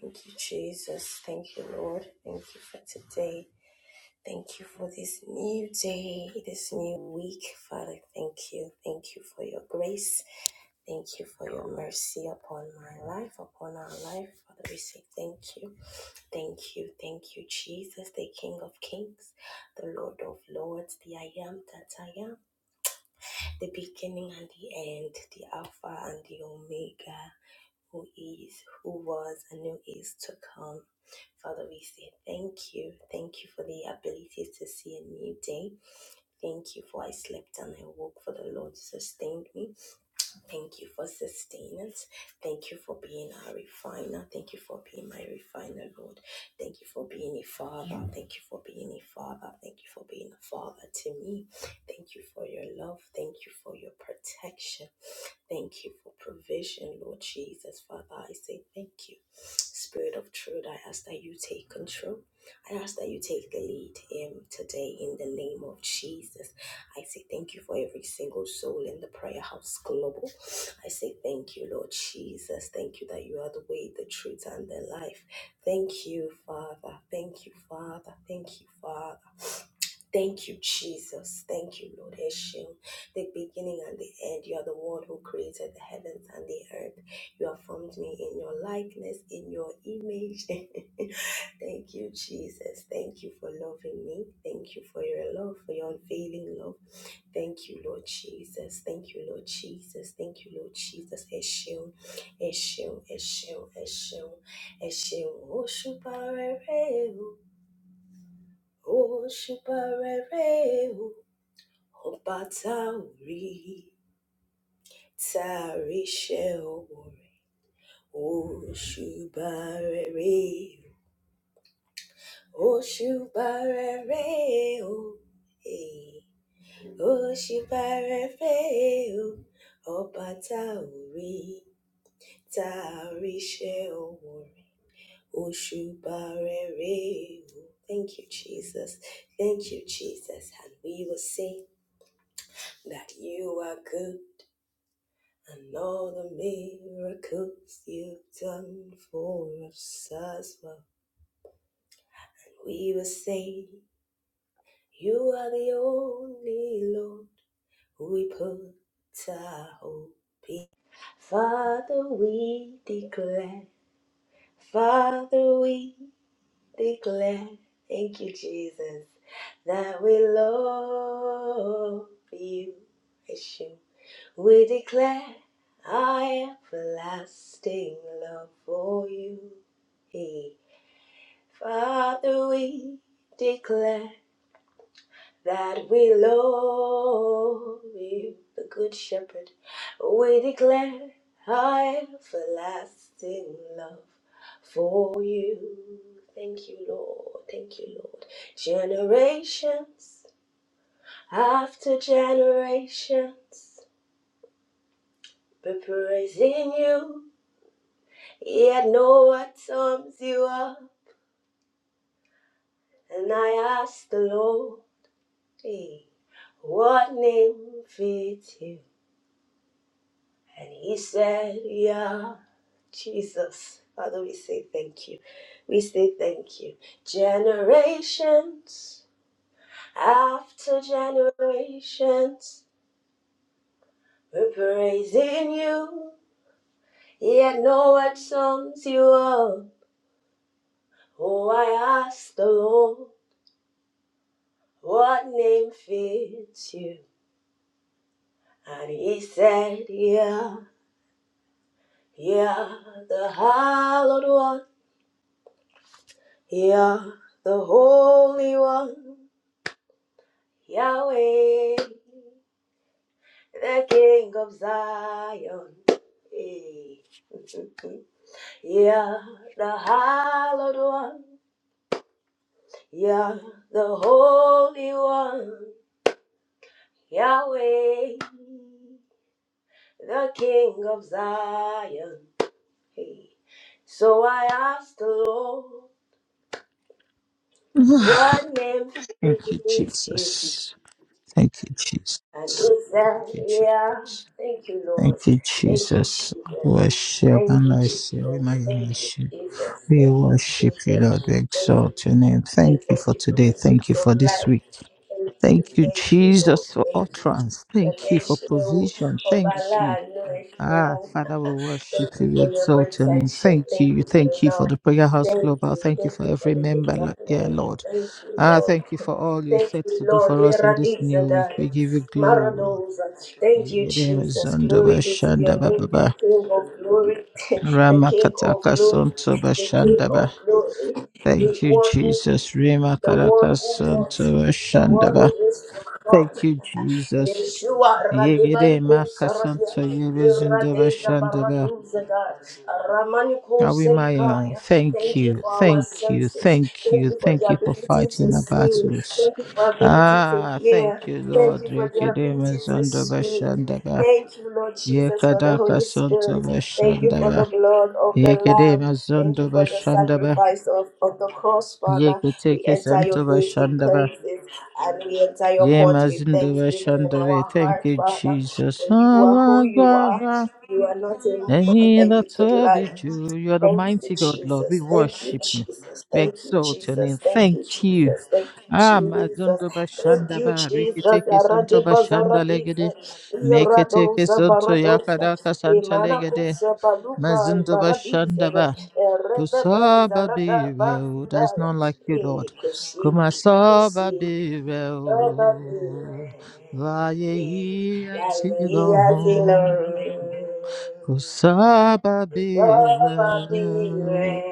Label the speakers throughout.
Speaker 1: Thank you, Jesus. Thank you, Lord. Thank you for today. Thank you for this new day, this new week. Father, thank you. Thank you for your grace. Thank you for your mercy upon my life, upon our life. Father, we say thank you. Thank you. Thank you, Jesus, the King of Kings, the Lord of Lords, the I am that I am, the beginning and the end, the Alpha and the Omega who is, who was, and who is to come. Father, we say thank you. Thank you for the ability to see a new day. Thank you for I slept and I woke, for the Lord sustained me. Thank you for sustenance. Thank you for being our refiner. Thank you for being my refiner, Lord. Thank you for being a father. Thank you for being a father. Thank you for being a father to me. Thank you for your love. Thank you for your protection. Thank you for provision, Lord Jesus. Father, I say thank you. Spirit of truth, I ask that you take control. I ask that you take the lead um, today in the name of Jesus. I say thank you for every single soul in the prayer house global. I say thank you, Lord Jesus. Thank you that you are the way, the truth, and the life. Thank you, Father. Thank you, Father. Thank you, Father. Thank you, Jesus. Thank you, Lord Hashem. The beginning and the end. You are the one who created the heavens and the earth. You have formed me in your likeness, in your image. Thank you, Jesus. Thank you for loving me. Thank you for your love, for your unfailing love. Thank you, Lord Jesus. Thank you, Lord Jesus. Thank you, Lord Jesus. Hashem, Hashem, Hashem, Hashem, Hashem. Oshubare, Oshubare, ọba tá ò rí tá a ríṣẹ́ ọwọ́ rẹ̀ òṣùbà rere òṣùbà rere o eh, òṣùbà rere o ọba tá ò rí tá a ríṣẹ́ ọwọ́ rẹ̀ òṣùbà rere o. Thank you, Jesus. Thank you, Jesus. And we will sing that you are good. And all the miracles you've done for us as well. We were saying, You are the only Lord who we put our hope. Father, we declare, Father, we declare, thank you, Jesus, that we love you, Yeshua. We declare our everlasting love for you. Father, we declare that we love you, the Good Shepherd. We declare our everlasting love for you. Thank you, Lord. Thank you, Lord. Generations after generations be praising you, yet no what sums you up. And I ask the Lord. Hey, what name fits you? And he said, Yeah, Jesus. Father, we say thank you. We say thank you. Generations after generations, we're praising you. Yet no one sums you up. Oh, I asked the Lord, what name fits you? And he said, Yeah, yeah, the hallowed one. Yeah, the Holy One, Yahweh, the King of Zion. Hey. Yeah, the Hallowed One, yeah, the Holy One, Yahweh, the King of Zion. Hey. So I asked the Lord, what name
Speaker 2: Thank you,
Speaker 1: fits you?
Speaker 2: Jesus. Thank you, Jesus.
Speaker 1: And he said,
Speaker 2: Thank you,
Speaker 1: yeah,
Speaker 2: Jesus.
Speaker 1: thank you, Lord.
Speaker 2: Thank you,
Speaker 1: Thank you,
Speaker 2: Jesus.
Speaker 1: Jesus.
Speaker 2: Worship
Speaker 1: Thank
Speaker 2: and
Speaker 1: you, Jesus.
Speaker 2: mercy. We may
Speaker 1: Thank you,
Speaker 2: worship.
Speaker 1: Jesus.
Speaker 2: We
Speaker 1: Thank you,
Speaker 2: worship you,
Speaker 1: Jesus. Thank
Speaker 2: Lord. We
Speaker 1: you,
Speaker 2: exalt your name.
Speaker 1: you.
Speaker 2: Thank you
Speaker 1: Thank
Speaker 2: for
Speaker 1: you for the
Speaker 2: today. Thank
Speaker 1: gift
Speaker 2: you
Speaker 1: of
Speaker 2: for this
Speaker 1: life.
Speaker 2: week.
Speaker 1: Thank you,
Speaker 2: Thank you,
Speaker 1: thank you, Lord.
Speaker 2: Jesus, for
Speaker 1: Thank you.
Speaker 2: utterance. Thank
Speaker 1: Ẹ
Speaker 2: you for
Speaker 1: ṣeun,
Speaker 2: provision.
Speaker 1: ọba
Speaker 2: Thank you.
Speaker 1: aláàánú, ẹ
Speaker 2: Ah,
Speaker 1: ṣeun.
Speaker 2: Father, we worship
Speaker 1: Thank you
Speaker 2: you, we
Speaker 1: for your
Speaker 2: exalt your name.
Speaker 1: protection.
Speaker 2: Thank
Speaker 1: Thank
Speaker 2: you.
Speaker 1: you for
Speaker 2: Thank
Speaker 1: your
Speaker 2: you for
Speaker 1: love.
Speaker 2: the Prayer House
Speaker 1: Thank
Speaker 2: Global.
Speaker 1: you.
Speaker 2: Thank you
Speaker 1: Thank
Speaker 2: for
Speaker 1: you for
Speaker 2: every
Speaker 1: the
Speaker 2: member,
Speaker 1: gift
Speaker 2: Lo-
Speaker 1: of
Speaker 2: yeah,
Speaker 1: life.
Speaker 2: Lord.
Speaker 1: Thank you,
Speaker 2: Ah,
Speaker 1: Lord.
Speaker 2: thank you for all you're
Speaker 1: Thank
Speaker 2: set
Speaker 1: you,
Speaker 2: to do
Speaker 1: Lord.
Speaker 2: for us in this new week.
Speaker 1: Iradizadai,
Speaker 2: We give you glory, Lord.
Speaker 1: Maradoza. Thank you,
Speaker 2: Yegedeme
Speaker 1: Jesus.
Speaker 2: zondoba
Speaker 1: Glory be to your
Speaker 2: shandaba
Speaker 1: name,
Speaker 2: baba.
Speaker 1: King of glory, the King of
Speaker 2: Ramakataka
Speaker 1: glory,
Speaker 2: sontoba
Speaker 1: the King of
Speaker 2: shandaba.
Speaker 1: glory the
Speaker 2: Thank you,
Speaker 1: one who is,
Speaker 2: Jesus.
Speaker 1: the one
Speaker 2: Remakataka
Speaker 1: who was,
Speaker 2: sontoba
Speaker 1: the one
Speaker 2: shandaba.
Speaker 1: who is to come,
Speaker 2: Thank you, Jesus.
Speaker 1: Yeshua
Speaker 2: Yegede
Speaker 1: Radebaliko Sarakia
Speaker 2: makasanto yebe zondoba
Speaker 1: Radeza
Speaker 2: shandaba.
Speaker 1: Baraduzada Ramaniko
Speaker 2: I'll own.
Speaker 1: Selikaya.
Speaker 2: Thank
Speaker 1: Thank you
Speaker 2: you,
Speaker 1: for our
Speaker 2: thank you,
Speaker 1: senses.
Speaker 2: thank
Speaker 1: Thank
Speaker 2: you,
Speaker 1: you for the
Speaker 2: thank you for
Speaker 1: ability
Speaker 2: fighting
Speaker 1: to
Speaker 2: the
Speaker 1: see.
Speaker 2: battles.
Speaker 1: Thank you for ability to
Speaker 2: Ah,
Speaker 1: hear.
Speaker 2: thank you,
Speaker 1: Thank
Speaker 2: Lord.
Speaker 1: you for the ability
Speaker 2: Rekedemes
Speaker 1: to
Speaker 2: under
Speaker 1: speak.
Speaker 2: Bashandaba.
Speaker 1: Thank you, Lord Jesus, for the
Speaker 2: Yekadaka
Speaker 1: Holy
Speaker 2: Santa
Speaker 1: Spirit. Thank you for the
Speaker 2: Bashandaba.
Speaker 1: blood of the Lamb.
Speaker 2: Yekedemes
Speaker 1: Thank
Speaker 2: under
Speaker 1: you for the
Speaker 2: Bashandaba.
Speaker 1: sacrifice of, of the cross, Father. We
Speaker 2: Yeketeke
Speaker 1: enter
Speaker 2: Santa
Speaker 1: your gates with
Speaker 2: Bashandaba.
Speaker 1: praise. And we enter your court with
Speaker 2: Yemas in the
Speaker 1: thanksgiving in
Speaker 2: Bashandaba.
Speaker 1: our
Speaker 2: Thank
Speaker 1: heart,
Speaker 2: you,
Speaker 1: Father.
Speaker 2: Jesus.
Speaker 1: For you are who
Speaker 2: Allah,
Speaker 1: you are. You are not a man
Speaker 2: Ain't
Speaker 1: that you
Speaker 2: that
Speaker 1: could
Speaker 2: to be
Speaker 1: lie.
Speaker 2: true? You are the
Speaker 1: Thank you,
Speaker 2: mighty God, Lord. We
Speaker 1: Jesus. Thank you,
Speaker 2: worship you.
Speaker 1: Jesus.
Speaker 2: We
Speaker 1: Thank you,
Speaker 2: exalt your
Speaker 1: Jesus.
Speaker 2: name.
Speaker 1: Thank you,
Speaker 2: Thank you.
Speaker 1: Jesus. Thank you,
Speaker 2: Ah,
Speaker 1: Jesus.
Speaker 2: Mazondo
Speaker 1: Thank
Speaker 2: Bashanda
Speaker 1: you,
Speaker 2: Ba,
Speaker 1: Jesus.
Speaker 2: Rikiteke Santo
Speaker 1: Aradiba
Speaker 2: Bashanda
Speaker 1: zaradiza.
Speaker 2: Legede, Meketeke
Speaker 1: Iradoza
Speaker 2: Santo
Speaker 1: baradoza.
Speaker 2: Yakadaka Santa Legede,
Speaker 1: Imanakusa baluka
Speaker 2: Mazondo
Speaker 1: ibaradiza.
Speaker 2: Bashanda Ba,
Speaker 1: Erebebe
Speaker 2: Kusaba
Speaker 1: zaradaba
Speaker 2: Bireo. There is
Speaker 1: zidaya.
Speaker 2: none like you, Lord.
Speaker 1: Ikosi,
Speaker 2: Kumasaba
Speaker 1: ikosi. Thank
Speaker 2: Bireo. Vaye Ati Lord. Kusaba Biren,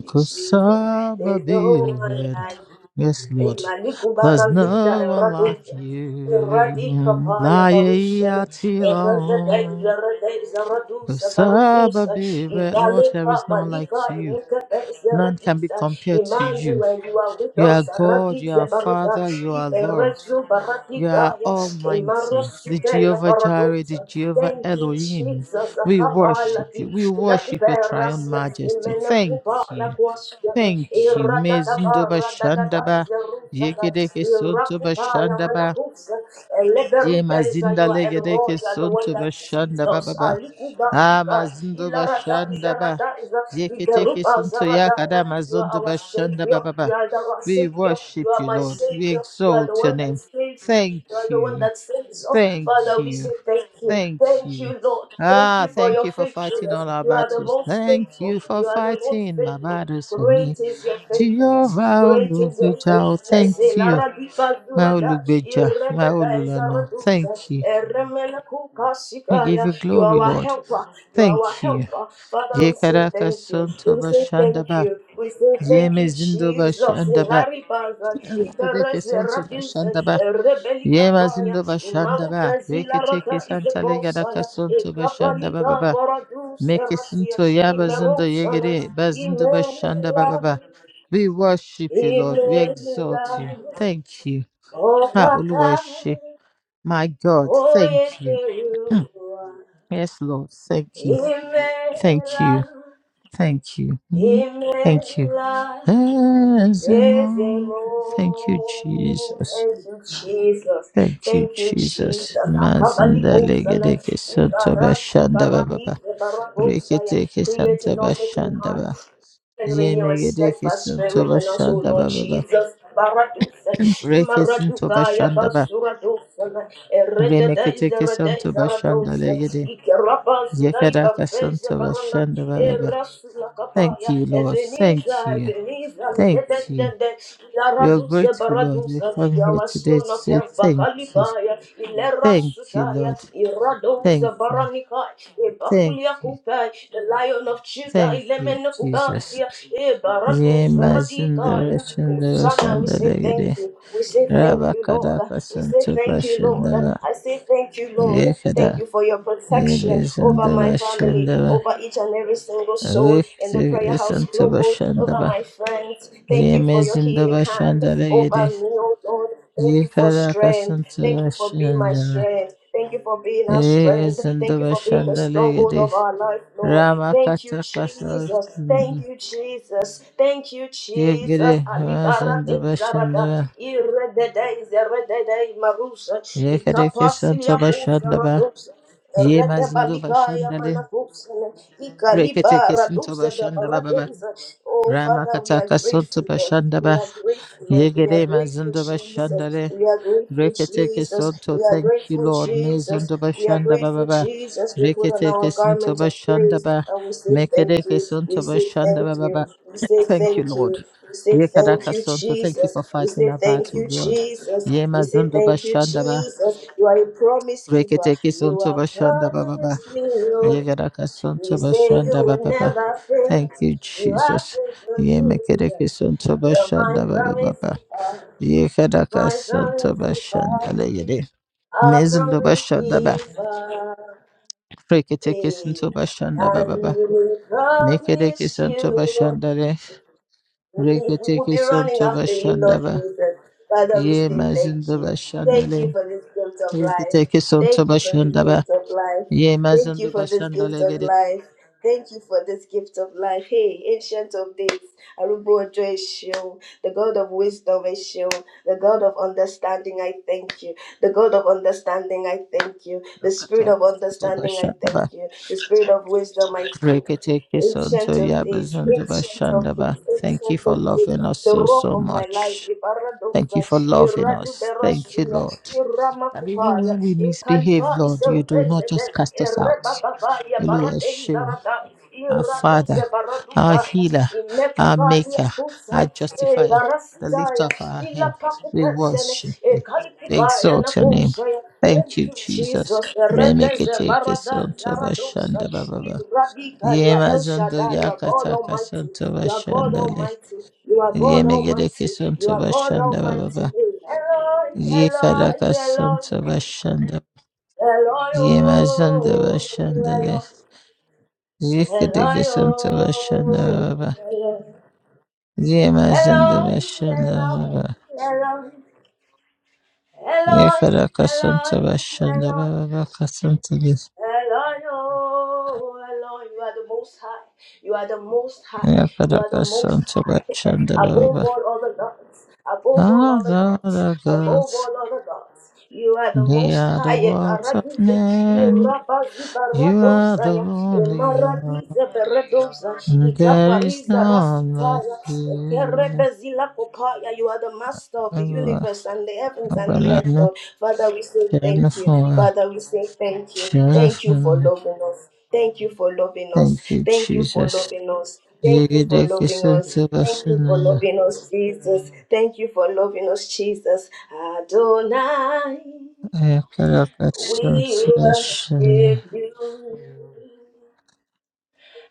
Speaker 1: you, Jesus.
Speaker 2: Kusaba
Speaker 1: There's no one
Speaker 2: Biren.
Speaker 1: like
Speaker 2: Yes, Lord.
Speaker 1: Imaliku
Speaker 2: There's
Speaker 1: barazita
Speaker 2: no one like
Speaker 1: eradosa. Eradika
Speaker 2: you.
Speaker 1: paya
Speaker 2: Laye
Speaker 1: barusana. Eradadai
Speaker 2: Atilon.
Speaker 1: zaradai zaradusa
Speaker 2: Kusaba
Speaker 1: barukusa.
Speaker 2: Biren. Lord, there
Speaker 1: Imalika
Speaker 2: is none
Speaker 1: malika
Speaker 2: like you.
Speaker 1: imikape
Speaker 2: None can be
Speaker 1: zaradisa.
Speaker 2: compared to you.
Speaker 1: Emmanuel, you are with
Speaker 2: You are
Speaker 1: us.
Speaker 2: God, you are
Speaker 1: Radize barada.
Speaker 2: Father, you are Lord.
Speaker 1: Iberezu
Speaker 2: You are
Speaker 1: baradikaya.
Speaker 2: almighty, the
Speaker 1: Imarosutella
Speaker 2: Jehovah Jireh,
Speaker 1: Paradosa.
Speaker 2: the Jehovah
Speaker 1: Thank you,
Speaker 2: Elohim.
Speaker 1: Jesus. A
Speaker 2: We worship
Speaker 1: Kapalaki,
Speaker 2: you. We worship your triumph
Speaker 1: Lakuberasia,
Speaker 2: majesty. Thank
Speaker 1: Imenakupa,
Speaker 2: you.
Speaker 1: Lakwasya,
Speaker 2: Thank you. Mezindoba
Speaker 1: Iradadabara, Dadada,
Speaker 2: Shandaba.
Speaker 1: Zerusaka,
Speaker 2: Yegedeke Sontoba
Speaker 1: Irakupala,
Speaker 2: Shandaba.
Speaker 1: Manakusa,
Speaker 2: Ye
Speaker 1: Eleberubeza.
Speaker 2: Mazinda
Speaker 1: You are El
Speaker 2: Legedeke
Speaker 1: Roy, you are the one
Speaker 2: Sontoba
Speaker 1: that sees
Speaker 2: Shandaba
Speaker 1: us.
Speaker 2: Baba. Ah
Speaker 1: Alikuba,
Speaker 2: Mazindoba
Speaker 1: Ilarada
Speaker 2: Shandaba.
Speaker 1: Zarada is a
Speaker 2: Yeketeke
Speaker 1: Igaruba
Speaker 2: Sunto Yakada
Speaker 1: Zarada. You are our
Speaker 2: Mazondoba
Speaker 1: Savior.
Speaker 2: Shandaba
Speaker 1: You
Speaker 2: Baba.
Speaker 1: are the our
Speaker 2: We
Speaker 1: Savior. You
Speaker 2: worship
Speaker 1: are
Speaker 2: you,
Speaker 1: my
Speaker 2: Lord. We
Speaker 1: Savior. You are the
Speaker 2: exalt your
Speaker 1: one that
Speaker 2: name.
Speaker 1: saves me.
Speaker 2: Thank
Speaker 1: You are the one
Speaker 2: you.
Speaker 1: that saves us.
Speaker 2: Thank
Speaker 1: Father, we
Speaker 2: you.
Speaker 1: say thank you.
Speaker 2: Thank
Speaker 1: Thank
Speaker 2: you.
Speaker 1: you, Lord. Thank
Speaker 2: Ah,
Speaker 1: you for
Speaker 2: thank
Speaker 1: your
Speaker 2: you for fighting
Speaker 1: faithfulness.
Speaker 2: all our
Speaker 1: You are the
Speaker 2: battles.
Speaker 1: most
Speaker 2: Thank
Speaker 1: faithful.
Speaker 2: you for
Speaker 1: You are the most
Speaker 2: fighting my
Speaker 1: faithful.
Speaker 2: battles for me.
Speaker 1: Great is your faithfulness.
Speaker 2: Jehovah
Speaker 1: Great is your
Speaker 2: Olugbeja, oh, thank
Speaker 1: faithfulness.
Speaker 2: you.
Speaker 1: Ilaradiba
Speaker 2: My
Speaker 1: zurada,
Speaker 2: Olugbeja, my
Speaker 1: irebeda
Speaker 2: Olulana,
Speaker 1: ezaredusa,
Speaker 2: thank you.
Speaker 1: eremele
Speaker 2: I give
Speaker 1: kukasikaya.
Speaker 2: you
Speaker 1: You
Speaker 2: glory,
Speaker 1: are our
Speaker 2: Lord.
Speaker 1: helper. You are our
Speaker 2: Thank you.
Speaker 1: helper. Father, we say
Speaker 2: Yekaraka
Speaker 1: thank you.
Speaker 2: Santo
Speaker 1: We say thank
Speaker 2: Bashandaba.
Speaker 1: you. We say thank
Speaker 2: Yeme
Speaker 1: you,
Speaker 2: Zindo
Speaker 1: Jesus.
Speaker 2: Bashandaba.
Speaker 1: Hilary Baza,
Speaker 2: Yekedeke
Speaker 1: Ibareze
Speaker 2: Santo
Speaker 1: Rabuza,
Speaker 2: Bashandaba.
Speaker 1: Rebelika
Speaker 2: Yema
Speaker 1: Baya,
Speaker 2: Zindo
Speaker 1: Imau
Speaker 2: Bashandaba.
Speaker 1: Kazila
Speaker 2: Reketeke
Speaker 1: Rata is the
Speaker 2: Santa Legadaka
Speaker 1: Kosaya,
Speaker 2: Santo Bashandaba
Speaker 1: Ekapalita
Speaker 2: Baba.
Speaker 1: Boradus Erasia,
Speaker 2: Mekisinto Yabazinda
Speaker 1: Imerosana,
Speaker 2: Yegede Bazinda Bashanda
Speaker 1: Imela,
Speaker 2: Baba. We worship you, Lord. We exalt you.
Speaker 1: Imela,
Speaker 2: Thank you.
Speaker 1: O
Speaker 2: Ma
Speaker 1: Kaka,
Speaker 2: Oluwashi. My God,
Speaker 1: O
Speaker 2: thank you.
Speaker 1: Yekerua,
Speaker 2: Yes, Lord. Thank you. Thank you.
Speaker 1: Imela,
Speaker 2: Thank you. Mm, Thank you.
Speaker 1: Imela. Praise the
Speaker 2: Ezemo. Thank you,
Speaker 1: Lord.
Speaker 2: Jesus.
Speaker 1: Thank you, Jesus.
Speaker 2: Thank you,
Speaker 1: Thank you,
Speaker 2: Jesus.
Speaker 1: Jesus. Akabali
Speaker 2: Mazinda
Speaker 1: Osana.
Speaker 2: Legede Santo
Speaker 1: Ibarasu
Speaker 2: Bashanda
Speaker 1: Barati
Speaker 2: Baba.
Speaker 1: Barabosaya.
Speaker 2: Rekete
Speaker 1: Create in
Speaker 2: Santa
Speaker 1: us a clean heart.
Speaker 2: Bashanda
Speaker 1: And renew a steadfast
Speaker 2: tobashanda
Speaker 1: spirit within us, O
Speaker 2: tobashanda
Speaker 1: Lord
Speaker 2: Baba,
Speaker 1: Jesus. Baradusa.
Speaker 2: Rekisun
Speaker 1: Imaradukaya
Speaker 2: tobashanda ba
Speaker 1: Basuradosa.
Speaker 2: Yemegedekisuntabashandababa. Rekesuntabashandaba.
Speaker 1: Eredada is the Reda is Aradosa.
Speaker 2: Remeketekisuntabashandalegede.
Speaker 1: Ikarabazuda Ibarudes
Speaker 2: Yekedakasuntabashandababa. Thank
Speaker 1: Erasulakapaya,
Speaker 2: you, Lord. Thank
Speaker 1: Ebenezer,
Speaker 2: you.
Speaker 1: Ebenezer,
Speaker 2: Thank you.
Speaker 1: Ledendende,
Speaker 2: We are
Speaker 1: Laradusa,
Speaker 2: grateful, Lord. We
Speaker 1: Baradusa,
Speaker 2: come here
Speaker 1: Yawa
Speaker 2: today to
Speaker 1: stone of
Speaker 2: say
Speaker 1: help,
Speaker 2: thank you.
Speaker 1: Bakalibaya,
Speaker 2: Thank you,
Speaker 1: Ilerasutaya,
Speaker 2: Lord. Thank
Speaker 1: Iradosa,
Speaker 2: you.
Speaker 1: Baranikai,
Speaker 2: Thank
Speaker 1: Ebakulia
Speaker 2: you.
Speaker 1: Kupai, the lion of Judah,
Speaker 2: Thank you, Jesus.
Speaker 1: Ilemenakubazia, Ebaradusa, Radikaya, Osana, we say thank
Speaker 2: Yemazindarashandarashandalegede.
Speaker 1: you, we say thank you, Lord, we say thank you, Lord,
Speaker 2: Rabakadakasuntubashandaba.
Speaker 1: I say thank you, Lord, thank
Speaker 2: Yekada,
Speaker 1: you for your protection over my
Speaker 2: Yebezindaba
Speaker 1: family,
Speaker 2: Shandaba,
Speaker 1: over each and every single soul in the prayer house
Speaker 2: Yekisantaba
Speaker 1: global, over
Speaker 2: Shandaba,
Speaker 1: my friends. Thank you for your healing
Speaker 2: Yemezindaba
Speaker 1: hand
Speaker 2: Shandaba Yede,
Speaker 1: over me, oh Lord. Thank you for strength. Thank
Speaker 2: Yekarakasantaba
Speaker 1: you for being my
Speaker 2: Shandaba,
Speaker 1: strength. Thank you for being our strength. Thank you
Speaker 2: Yezindaba
Speaker 1: for being the
Speaker 2: Shandala
Speaker 1: stronghold
Speaker 2: Yede,
Speaker 1: of our life, Lord. Thank you,
Speaker 2: Ramakata
Speaker 1: Jesus. Thank
Speaker 2: Kasantaba,
Speaker 1: you, Jesus. Thank you, Jesus.
Speaker 2: Yegere,
Speaker 1: Alibara de
Speaker 2: Mazindaba
Speaker 1: zarada.
Speaker 2: Shandaba,
Speaker 1: Irede de marusa. Ikapasilia
Speaker 2: Yekarakasantaba
Speaker 1: kusa
Speaker 2: Shandaba,
Speaker 1: radusa.
Speaker 2: Yemazindaba
Speaker 1: Redabalikaya
Speaker 2: Shandale,
Speaker 1: manakusene, ikaliba
Speaker 2: Rekete Kisintaba
Speaker 1: raduze
Speaker 2: Shandaba
Speaker 1: dabaradeza. Oh, Father, we are
Speaker 2: Ramakataka Sonto
Speaker 1: grateful, Lord. We
Speaker 2: Bashandaba
Speaker 1: are grateful, Lord. We are
Speaker 2: Yegede
Speaker 1: grateful,
Speaker 2: Mazundo
Speaker 1: Jesus.
Speaker 2: Bashandale
Speaker 1: We are grateful,
Speaker 2: Reketeke
Speaker 1: Jesus.
Speaker 2: Sonto.
Speaker 1: We are
Speaker 2: Thank you,
Speaker 1: grateful,
Speaker 2: Lord.
Speaker 1: Jesus.
Speaker 2: Mezundo
Speaker 1: We are
Speaker 2: Bashandaba
Speaker 1: grateful,
Speaker 2: Baba
Speaker 1: Jesus. We put on our
Speaker 2: Reketeke Sonto
Speaker 1: garments of praise
Speaker 2: Bashandaba
Speaker 1: and we say thank
Speaker 2: Mekedeke
Speaker 1: you. We
Speaker 2: Sonto
Speaker 1: say thank
Speaker 2: Bashandaba Baba.
Speaker 1: you. We say
Speaker 2: Thank you,
Speaker 1: thank you.
Speaker 2: Lord.
Speaker 1: We say thank
Speaker 2: Yekadaka
Speaker 1: you,
Speaker 2: Sonto. Thank you
Speaker 1: Jesus.
Speaker 2: for
Speaker 1: We
Speaker 2: fighting
Speaker 1: say
Speaker 2: our
Speaker 1: thank
Speaker 2: battle,
Speaker 1: you,
Speaker 2: God.
Speaker 1: Jesus. We say
Speaker 2: Yemazundo
Speaker 1: thank you,
Speaker 2: Bashandaba
Speaker 1: Jesus. You are a promise keeper.
Speaker 2: Reketeke
Speaker 1: You
Speaker 2: Sonto
Speaker 1: have
Speaker 2: Bashandaba Baba
Speaker 1: promised me, Lord.
Speaker 2: Yegadaka
Speaker 1: You
Speaker 2: Sonto
Speaker 1: say you
Speaker 2: Bashandaba
Speaker 1: will
Speaker 2: Baba
Speaker 1: never
Speaker 2: Thank
Speaker 1: fail.
Speaker 2: you,
Speaker 1: You are
Speaker 2: Jesus.
Speaker 1: faithful
Speaker 2: Ye
Speaker 1: to
Speaker 2: mekereke
Speaker 1: them.
Speaker 2: sonto
Speaker 1: You're my
Speaker 2: bashanda baba
Speaker 1: promise
Speaker 2: baba.
Speaker 1: keeper.
Speaker 2: Ye kadaka
Speaker 1: My
Speaker 2: sonto
Speaker 1: promise
Speaker 2: bashanda le
Speaker 1: keeper.
Speaker 2: yede.
Speaker 1: Our
Speaker 2: Mezindo
Speaker 1: promise
Speaker 2: bashanda ba.
Speaker 1: giver.
Speaker 2: Reketeke sonto
Speaker 1: And
Speaker 2: bashanda
Speaker 1: I
Speaker 2: baba baba. Mekereke
Speaker 1: promise
Speaker 2: sonto
Speaker 1: you
Speaker 2: bashanda le.
Speaker 1: if We will be
Speaker 2: Reketeke
Speaker 1: running
Speaker 2: sonto
Speaker 1: after you, Lord
Speaker 2: bashanda ba.
Speaker 1: Jesus. Father, we
Speaker 2: Ye
Speaker 1: say thank
Speaker 2: mazindo
Speaker 1: you.
Speaker 2: bashanda
Speaker 1: Thank you
Speaker 2: le.
Speaker 1: for this gift of life.
Speaker 2: Reketeke sonto
Speaker 1: Thank you for this
Speaker 2: bashanda ba.
Speaker 1: gift of life.
Speaker 2: Ye
Speaker 1: Thank you
Speaker 2: mazindo
Speaker 1: for this
Speaker 2: bashanda
Speaker 1: gift
Speaker 2: le
Speaker 1: of
Speaker 2: gede.
Speaker 1: life. Thank you for this gift of life. Hey, ancient of days, Arubo Ojo Esho, the God of wisdom Esho, the God of understanding, I thank you. The God of understanding, I thank you. The spirit
Speaker 2: Rakata
Speaker 1: of
Speaker 2: mazindo
Speaker 1: understanding, I
Speaker 2: bashanda ba.
Speaker 1: thank you. The spirit of wisdom, I thank you ancient
Speaker 2: Reketekisonto
Speaker 1: of days,
Speaker 2: yabazondo
Speaker 1: ancient of
Speaker 2: bashandaba.
Speaker 1: days,
Speaker 2: Thank you
Speaker 1: ancient
Speaker 2: for
Speaker 1: of days,
Speaker 2: loving us
Speaker 1: the
Speaker 2: so,
Speaker 1: rock
Speaker 2: so
Speaker 1: of my life,
Speaker 2: much. Thank you
Speaker 1: Ibaradosa,
Speaker 2: for loving us. Thank you,
Speaker 1: Iraduberasuya,
Speaker 2: Lord. That even
Speaker 1: Iramakupaya,
Speaker 2: when we misbehave,
Speaker 1: Ikalipa
Speaker 2: Lord, you do not
Speaker 1: Iserubezebe,
Speaker 2: just cast us out.
Speaker 1: Erebababaya,
Speaker 2: Oluwa
Speaker 1: Barate
Speaker 2: Sheo,
Speaker 1: Zarada,
Speaker 2: Our
Speaker 1: Iraduze
Speaker 2: Father, our
Speaker 1: Baradukaya,
Speaker 2: healer, our
Speaker 1: Imekupaya
Speaker 2: maker, our
Speaker 1: Kusa,
Speaker 2: justifier, the lifter
Speaker 1: Ebarasitaya,
Speaker 2: of our head. We
Speaker 1: Ilapakupesene,
Speaker 2: worship you. We
Speaker 1: Ekalipubaya
Speaker 2: exalt your name.
Speaker 1: Nakusaya, Thank
Speaker 2: Thank you,
Speaker 1: you,
Speaker 2: Jesus.
Speaker 1: Jesus. The Rebbe, the barada
Speaker 2: Remeketekisonto
Speaker 1: zaradosa.
Speaker 2: bashandaba.
Speaker 1: Irabika, You are El
Speaker 2: Yemazando
Speaker 1: Shaddai. You are God
Speaker 2: yakataka
Speaker 1: Almighty.
Speaker 2: santo
Speaker 1: You are God
Speaker 2: bashandale.
Speaker 1: Almighty. You are God
Speaker 2: Yemegereke
Speaker 1: Almighty. You
Speaker 2: santo
Speaker 1: are God
Speaker 2: bashanda
Speaker 1: Almighty.
Speaker 2: baba.
Speaker 1: Eloi,
Speaker 2: Yekaraka
Speaker 1: Eloi,
Speaker 2: santo
Speaker 1: Eloi.
Speaker 2: bashanda.
Speaker 1: Eloi,
Speaker 2: Yemazando
Speaker 1: oh,
Speaker 2: bashandale.
Speaker 1: Eloi.
Speaker 2: Yekereke
Speaker 1: Eloi,
Speaker 2: santo bashanda
Speaker 1: oh,
Speaker 2: baba.
Speaker 1: Eloi.
Speaker 2: Yemazando
Speaker 1: Eloi,
Speaker 2: bashanda baba.
Speaker 1: Eloi, Eloi. Eloi,
Speaker 2: Yekaraka
Speaker 1: Eloi,
Speaker 2: santo bashanda
Speaker 1: Eloi.
Speaker 2: baba kasanto des.
Speaker 1: Eloi, oh, Eloi, you are the most high. You are the most high. You are the
Speaker 2: Yakaraka
Speaker 1: most
Speaker 2: santo
Speaker 1: high
Speaker 2: bashanda
Speaker 1: above
Speaker 2: baba.
Speaker 1: all other gods, above all
Speaker 2: Ah,
Speaker 1: other
Speaker 2: Lord
Speaker 1: gods,
Speaker 2: our God,
Speaker 1: above all other gods. You are the
Speaker 2: they
Speaker 1: most
Speaker 2: are the
Speaker 1: high.
Speaker 2: works of
Speaker 1: Karadize,
Speaker 2: men.
Speaker 1: Irabazi
Speaker 2: You are the
Speaker 1: Baradosaya,
Speaker 2: only one.
Speaker 1: Emaradize Beradosa,
Speaker 2: There is
Speaker 1: Ikapariza
Speaker 2: no one like
Speaker 1: Rasitaya,
Speaker 2: you.
Speaker 1: Kerebezila Kopaya. You are the master of the universe and the heavens and the earth,
Speaker 2: Abalano,
Speaker 1: Lord. Father, we say thank you.
Speaker 2: Jennifer,
Speaker 1: Father, we say thank you. Thank you for
Speaker 2: Jennifer.
Speaker 1: loving us. Thank you for loving us.
Speaker 2: Thank you,
Speaker 1: Thank you for
Speaker 2: Jesus.
Speaker 1: loving us. Thank you for
Speaker 2: Yigideki
Speaker 1: loving us.
Speaker 2: Santa
Speaker 1: Thank you for
Speaker 2: Vasana,
Speaker 1: loving us, Jesus. Thank you for loving us, Jesus. Adonai,
Speaker 2: Akalaka Santa
Speaker 1: we
Speaker 2: Shana.
Speaker 1: worship you.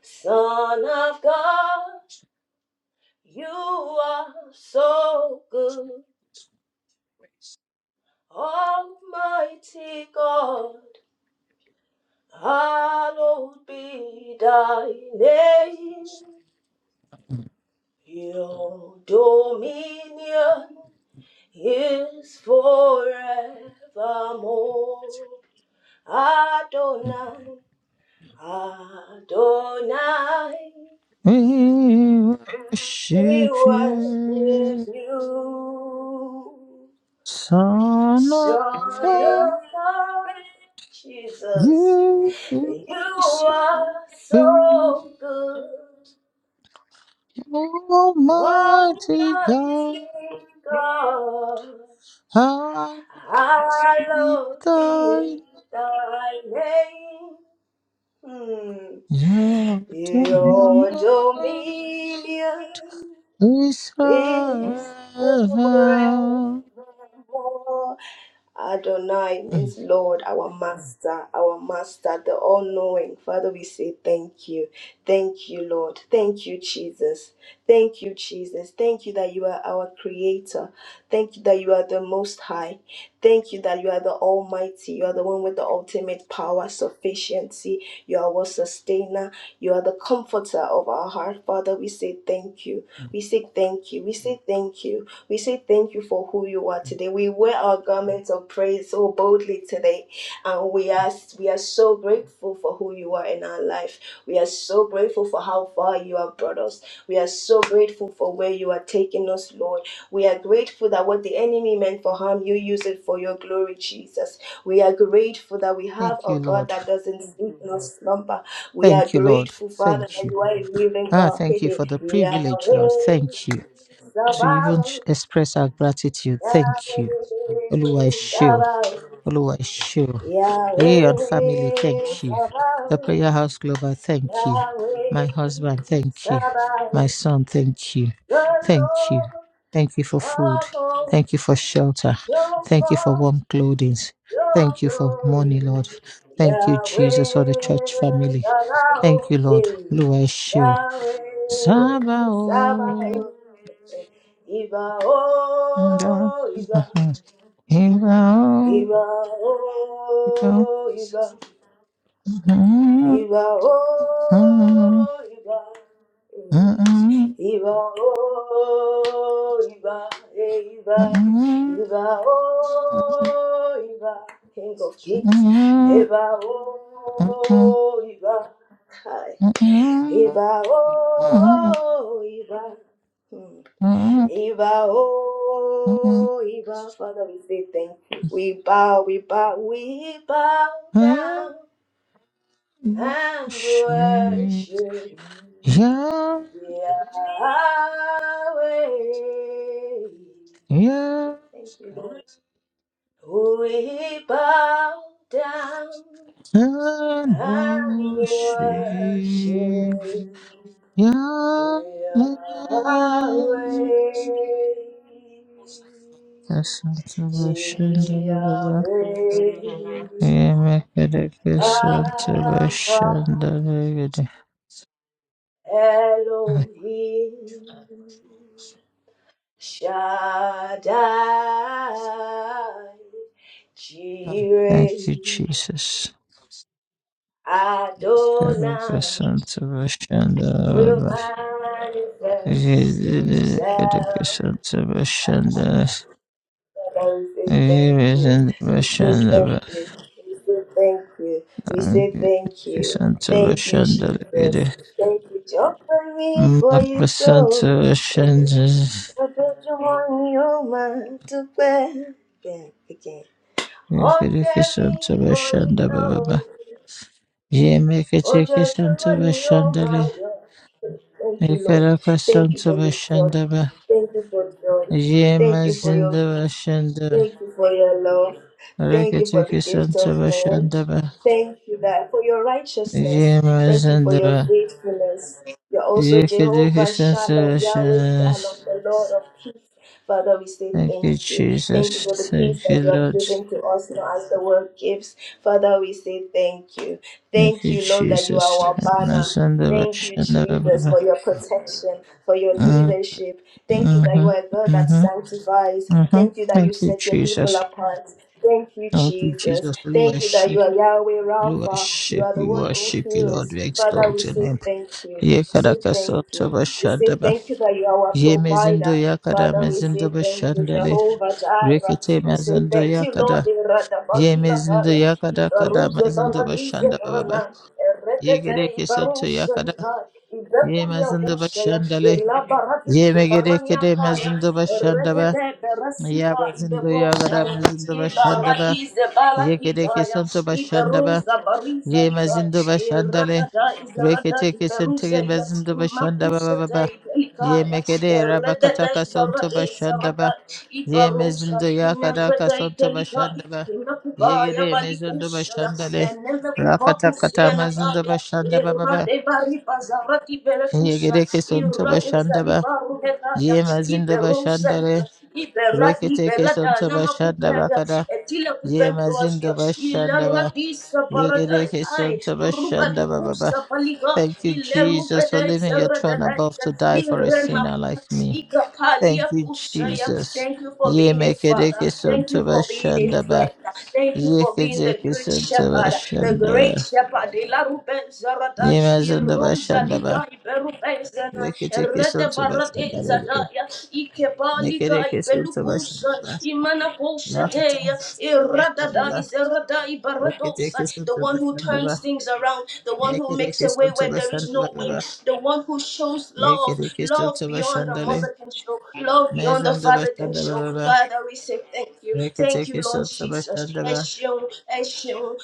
Speaker 1: Son of God, you are so good. Almighty God, hallowed be thy name. Your dominion is forevermore. Adonai, Adonai,
Speaker 2: We
Speaker 1: we
Speaker 2: worship
Speaker 1: worship
Speaker 2: you,
Speaker 1: you.
Speaker 2: Son of
Speaker 1: Son of
Speaker 2: God.
Speaker 1: God, Jesus,
Speaker 2: You are
Speaker 1: you
Speaker 2: so
Speaker 1: are
Speaker 2: good.
Speaker 1: so good.
Speaker 2: Almighty
Speaker 1: Almighty
Speaker 2: God,
Speaker 1: God,
Speaker 2: how be
Speaker 1: hallowed be
Speaker 2: thine
Speaker 1: thy name. Mm.
Speaker 2: your dominion,
Speaker 1: Your dominion is forevermore.
Speaker 2: Israel.
Speaker 1: Adonai
Speaker 2: Mm.
Speaker 1: means Lord, our Master, our Master, the all knowing. Father, we say thank you. Thank you, Lord. Thank you, Jesus. Thank you, Jesus. Thank you that you are our Creator. Thank you that you are the Most High. Thank you that you are the Almighty. You are the one with the ultimate power, sufficiency. You are our sustainer. You are the comforter of our heart. Father, we say thank you. We say thank you. We say thank you. We say thank you for who you are today. We wear our garments of praise so boldly today, and we are we are so grateful for who you are in our life. We are so grateful for how far you have brought us. We are so grateful for where you are taking us, Lord. We are grateful that what the enemy meant for harm, you use it for your glory, Jesus. We are grateful that we have
Speaker 2: Thank
Speaker 1: a
Speaker 2: you,
Speaker 1: God
Speaker 2: Lord.
Speaker 1: that doesn't sleep nor slumber. We are
Speaker 2: Thank you, Lord.
Speaker 1: grateful, Father,
Speaker 2: Thank
Speaker 1: that
Speaker 2: you.
Speaker 1: you are a living
Speaker 2: Ah,
Speaker 1: God.
Speaker 2: thank you for the privilege, Lord.
Speaker 1: Yahweh.
Speaker 2: Thank you to even
Speaker 1: Sabaoth.
Speaker 2: sh- express our gratitude. Thank
Speaker 1: Yahweh
Speaker 2: you. Oluwa
Speaker 1: Sabaoth,
Speaker 2: Oluwa show. Rayon family,
Speaker 1: Yahweh
Speaker 2: thank you. The
Speaker 1: Sabaoth,
Speaker 2: Prayer House Global, thank you.
Speaker 1: Yahweh
Speaker 2: My husband, thank you. My
Speaker 1: Sabaoth,
Speaker 2: son, thank you.
Speaker 1: the
Speaker 2: Thank you.
Speaker 1: Lord
Speaker 2: Thank you for food.
Speaker 1: of hosts,
Speaker 2: Thank you for shelter.
Speaker 1: show
Speaker 2: Thank you for
Speaker 1: forth
Speaker 2: warm clothing.
Speaker 1: your
Speaker 2: Thank you for money,
Speaker 1: glory.
Speaker 2: Lord. Thank you, Jesus, for the
Speaker 1: Yahweh
Speaker 2: church family. Thank
Speaker 1: Sabaoth,
Speaker 2: you, Lord.
Speaker 1: eh,
Speaker 2: Oluwa show. Saba
Speaker 1: Yahweh Sabaoth,
Speaker 2: o.
Speaker 1: eh, Iba
Speaker 2: Ndo.
Speaker 1: oh Iba, Iba oh Iba. Ìbà ó, ìbà, eh, ìbà ó, ìbà, eh, ìbà, ìbà ó, ìbà, King of Kings. Ìbà ó, ìbà, kai.
Speaker 2: Wash
Speaker 1: Ìbà ó, ìbà. hmm. Ìbà ó, ìbà. Father, we say thank you. We bow, we bow, we bow down and
Speaker 2: me,
Speaker 1: worship
Speaker 2: yeah,
Speaker 1: Yahweh.
Speaker 2: yeah,
Speaker 1: Thank you, Lord. We bow down
Speaker 2: and
Speaker 1: and
Speaker 2: wash me,
Speaker 1: worship
Speaker 2: yeah.
Speaker 1: Yahweh.
Speaker 2: Kasanta bashanda baba,
Speaker 1: Yahweh,
Speaker 2: yeah, make it a kasanta
Speaker 1: Alpha
Speaker 2: bashanda baba.
Speaker 1: Elohim Shaddai
Speaker 2: God, Thank
Speaker 1: Jireh
Speaker 2: you, Jesus. Kadaka
Speaker 1: Adonai
Speaker 2: Santa
Speaker 1: will
Speaker 2: Vashanda
Speaker 1: manifest
Speaker 2: Kadaka
Speaker 1: himself.
Speaker 2: Santa Vashanda
Speaker 1: Father, we say thank you. We say thank
Speaker 2: Vashanda
Speaker 1: you. We say thank you. We say
Speaker 2: Vashanda
Speaker 1: thank
Speaker 2: Kadaka
Speaker 1: you.
Speaker 2: Santa
Speaker 1: Thank you,
Speaker 2: Vashanda
Speaker 1: Jesus. Thank you, Jehovah, for
Speaker 2: Maka
Speaker 1: you
Speaker 2: Santa
Speaker 1: so.
Speaker 2: Vashanda
Speaker 1: I do you want your mind to play? Again, again. Oh,
Speaker 2: Kadaka
Speaker 1: Terry,
Speaker 2: Santa
Speaker 1: oh, you
Speaker 2: Vashanda
Speaker 1: know.
Speaker 2: Baba Yeme
Speaker 1: Oh, church, you
Speaker 2: Santa
Speaker 1: want your
Speaker 2: Vashanda
Speaker 1: mind. Thank you, Lord.
Speaker 2: Kadaka
Speaker 1: Thank you
Speaker 2: Santa
Speaker 1: for this joy.
Speaker 2: Vashanda
Speaker 1: Thank you for joy. Thank
Speaker 2: Yema
Speaker 1: you for your
Speaker 2: Vashanda
Speaker 1: Thank you for your love. Thank you for the gift of men.
Speaker 2: Reketekisantebashandaba,
Speaker 1: Thank you that for your righteousness. Thank you for your
Speaker 2: yemasandaba,
Speaker 1: faithfulness. You're also Jehovah Shalom, Yahweh
Speaker 2: yeketekisantebashandaba.
Speaker 1: Shalom, the Lord of peace. Father, we say
Speaker 2: Thank you,
Speaker 1: thank you. Thank you
Speaker 2: Jesus.
Speaker 1: for the peace
Speaker 2: Thank
Speaker 1: that
Speaker 2: you,
Speaker 1: you have
Speaker 2: Lord.
Speaker 1: given to us now as the world gives. Father, we say thank you.
Speaker 2: Thank
Speaker 1: Thank
Speaker 2: you,
Speaker 1: you, Lord, that you are
Speaker 2: Jesus.
Speaker 1: our banner. Thank you, Jesus, for
Speaker 2: Yemasandabashandaba.
Speaker 1: your protection, for your
Speaker 2: Mm,
Speaker 1: leadership. Thank you that you
Speaker 2: mhm,
Speaker 1: are a God that
Speaker 2: mhm,
Speaker 1: sanctifies.
Speaker 2: mhm.
Speaker 1: Thank you that you
Speaker 2: Thank you,
Speaker 1: set your people
Speaker 2: Jesus.
Speaker 1: apart. Thank you,
Speaker 2: Thank you,
Speaker 1: Jesus.
Speaker 2: Jesus.
Speaker 1: Thank you that you are Yahweh
Speaker 2: We worship, we
Speaker 1: Rapha. You
Speaker 2: worship,
Speaker 1: are the
Speaker 2: we
Speaker 1: one who
Speaker 2: worship you, Lord.
Speaker 1: heals.
Speaker 2: We
Speaker 1: Father, we
Speaker 2: exalt your
Speaker 1: say
Speaker 2: name.
Speaker 1: thank you. We say thank you. We say
Speaker 2: Yekarakasantebashandaba.
Speaker 1: thank you that you are our
Speaker 2: Ye mezindo
Speaker 1: provider.
Speaker 2: yakada
Speaker 1: Father, we say
Speaker 2: mezindo
Speaker 1: thank you,
Speaker 2: bashandale.
Speaker 1: Jehovah Jireh.
Speaker 2: Rekete
Speaker 1: We say
Speaker 2: mezindo
Speaker 1: thank you, Lord.
Speaker 2: yakada. Ye mezindo
Speaker 1: Iradabazilakaya,
Speaker 2: yakada kada mezindo bashanda baba.
Speaker 1: Ibaruzebaradizekaranan,
Speaker 2: Ye
Speaker 1: Eretete,
Speaker 2: gereke santo yakada.
Speaker 1: Ibarusalikaya.
Speaker 2: Ye
Speaker 1: Ibekulia
Speaker 2: mezindo
Speaker 1: Husea,
Speaker 2: bashandale.
Speaker 1: Elabaradi
Speaker 2: Ye megere
Speaker 1: Barania
Speaker 2: kede
Speaker 1: kaya,
Speaker 2: mezindo bashanda ba.
Speaker 1: Rekete
Speaker 2: Ya
Speaker 1: berasika
Speaker 2: mezindo yakada
Speaker 1: ibekoshaya.
Speaker 2: mezindo bashanda ba.
Speaker 1: Ibaragize
Speaker 2: Ye gereke
Speaker 1: balakikaya.
Speaker 2: santo bashanda ba.
Speaker 1: Iberosa bariza
Speaker 2: Ye
Speaker 1: nikaya.
Speaker 2: mezindo bashandale.
Speaker 1: Iradada izarada
Speaker 2: Rekete kesente
Speaker 1: iberuzeya.
Speaker 2: mezindo bashanda baba
Speaker 1: Imakusete
Speaker 2: baba. Ye
Speaker 1: ibelikaya.
Speaker 2: megere
Speaker 1: Eredede
Speaker 2: rabakataka santo
Speaker 1: izarade
Speaker 2: bashanda
Speaker 1: izarada
Speaker 2: ba. Ye
Speaker 1: ibarosa.
Speaker 2: mezindo yakadaka
Speaker 1: Imerede
Speaker 2: sonto
Speaker 1: ikelikaya.
Speaker 2: bashandaba.
Speaker 1: Imakubaya
Speaker 2: Yegede mezindo
Speaker 1: balikushaya.
Speaker 2: bashandale.
Speaker 1: Eneza kupakusia
Speaker 2: Rakatakata mezindo
Speaker 1: nakaya.
Speaker 2: bashandaba baba.
Speaker 1: Irade baribaza rati belekusha.
Speaker 2: Yegede ke sonto
Speaker 1: irade Thank you
Speaker 2: bashandaba.
Speaker 1: for
Speaker 2: Ye mezindo bashandale. Rekete ke sonto bashandaba kada. Ye mezindo bashandaba. Yegede ke sonto bashandaba baba. Thank you, Jesus, for leaving your throne above to die for a sinner like me. Thank you, Jesus. Ye
Speaker 1: being a father.
Speaker 2: mekedeke
Speaker 1: Thank
Speaker 2: sonto
Speaker 1: you for being a
Speaker 2: bashanda ba.
Speaker 1: friend. Thank you for being the
Speaker 2: Yeketeke
Speaker 1: good
Speaker 2: Santaba
Speaker 1: shepherd, the great
Speaker 2: Shandaba.
Speaker 1: shepherd.
Speaker 2: Yemazandaba
Speaker 1: Rosa
Speaker 2: Shandaba.
Speaker 1: Liga Iberubenzana,
Speaker 2: Yeketeke
Speaker 1: Rete
Speaker 2: Santaba
Speaker 1: Baradeza
Speaker 2: Shandaba.
Speaker 1: Daya, Ikebalika
Speaker 2: Yekereke Santaba
Speaker 1: Ibelukusa,
Speaker 2: Shandaba.
Speaker 1: Imana
Speaker 2: Rakata
Speaker 1: Kosetea,
Speaker 2: Santaba Shandaba.
Speaker 1: is Erada Ibaradosa,
Speaker 2: Yeketeke
Speaker 1: the one
Speaker 2: Santaba
Speaker 1: who turns
Speaker 2: Shandaba.
Speaker 1: things around, the one who makes
Speaker 2: Yekereke
Speaker 1: a way where
Speaker 2: Santaba
Speaker 1: there is no way,
Speaker 2: Shandaba.
Speaker 1: the one who shows love,
Speaker 2: Yekereke
Speaker 1: love
Speaker 2: Santaba
Speaker 1: beyond the
Speaker 2: Shandale.
Speaker 1: mother can show, love beyond the
Speaker 2: Mezandaba
Speaker 1: father can show.
Speaker 2: Shandaba.
Speaker 1: Father, we say thank you. Thank
Speaker 2: Yeketeke
Speaker 1: you, Lord
Speaker 2: Santaba
Speaker 1: Jesus.
Speaker 2: Shandaba.
Speaker 1: Eshun, Eshun,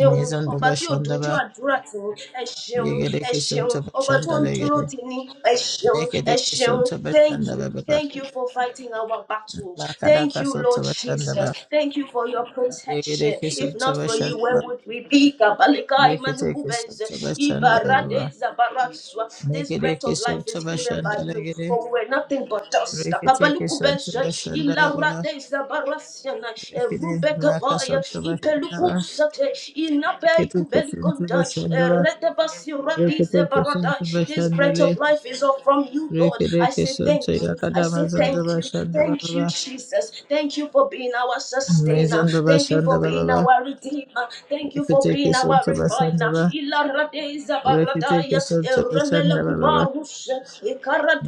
Speaker 2: Mezandaba
Speaker 1: tí ò dojú
Speaker 2: Shandaba.
Speaker 1: àdúrà tì ní ẹ ṣeun ẹ
Speaker 2: Yekereke
Speaker 1: ṣeun
Speaker 2: Santaba
Speaker 1: ọba tó ń
Speaker 2: Shandale.
Speaker 1: dúró tì ní ẹ ṣeun ẹ
Speaker 2: Yekereke
Speaker 1: ṣeun
Speaker 2: Santaba
Speaker 1: thank you
Speaker 2: Shandaba.
Speaker 1: thank you for fighting our battles thank
Speaker 2: Lakadaka
Speaker 1: you lord jesus
Speaker 2: Sotavashandaba,
Speaker 1: thank you for your protection
Speaker 2: Rigideki
Speaker 1: if not for you where
Speaker 2: Sotavashandaba,
Speaker 1: would we be kabalika
Speaker 2: Rikiteki
Speaker 1: imanukubeze ibarade
Speaker 2: Sotavashandaba,
Speaker 1: zabarazwa this breath
Speaker 2: Nikideki
Speaker 1: of life is given by you for
Speaker 2: Sotavashandalagidi,
Speaker 1: we were nothing but dust
Speaker 2: Rikiteki
Speaker 1: kabalukubeze
Speaker 2: Sotavashandaba,
Speaker 1: ilarade zabarasiana
Speaker 2: Rikidi Maka
Speaker 1: erubekabaya
Speaker 2: Sotavashandaba,
Speaker 1: ipelukusate inape
Speaker 2: Rikiteki
Speaker 1: kubelikonta
Speaker 2: Sotavashandaba,
Speaker 1: retebasiradize
Speaker 2: Rikiteki
Speaker 1: barada this breath of
Speaker 2: Sotavashandali,
Speaker 1: life is all from you lord i
Speaker 2: Rikideki
Speaker 1: say thank you i say
Speaker 2: Sotayakadama
Speaker 1: thank you thank you
Speaker 2: Zandavashandaba,
Speaker 1: jesus thank you for being our sustainer thank you for being
Speaker 2: Mezandavashandaba,
Speaker 1: our redeemer thank you for
Speaker 2: Rikiteki
Speaker 1: being our refiner
Speaker 2: Sotavashandaba,
Speaker 1: ilaradeza
Speaker 2: Rikiteki
Speaker 1: baradaya eremele
Speaker 2: Sotavashandaba,
Speaker 1: kubarus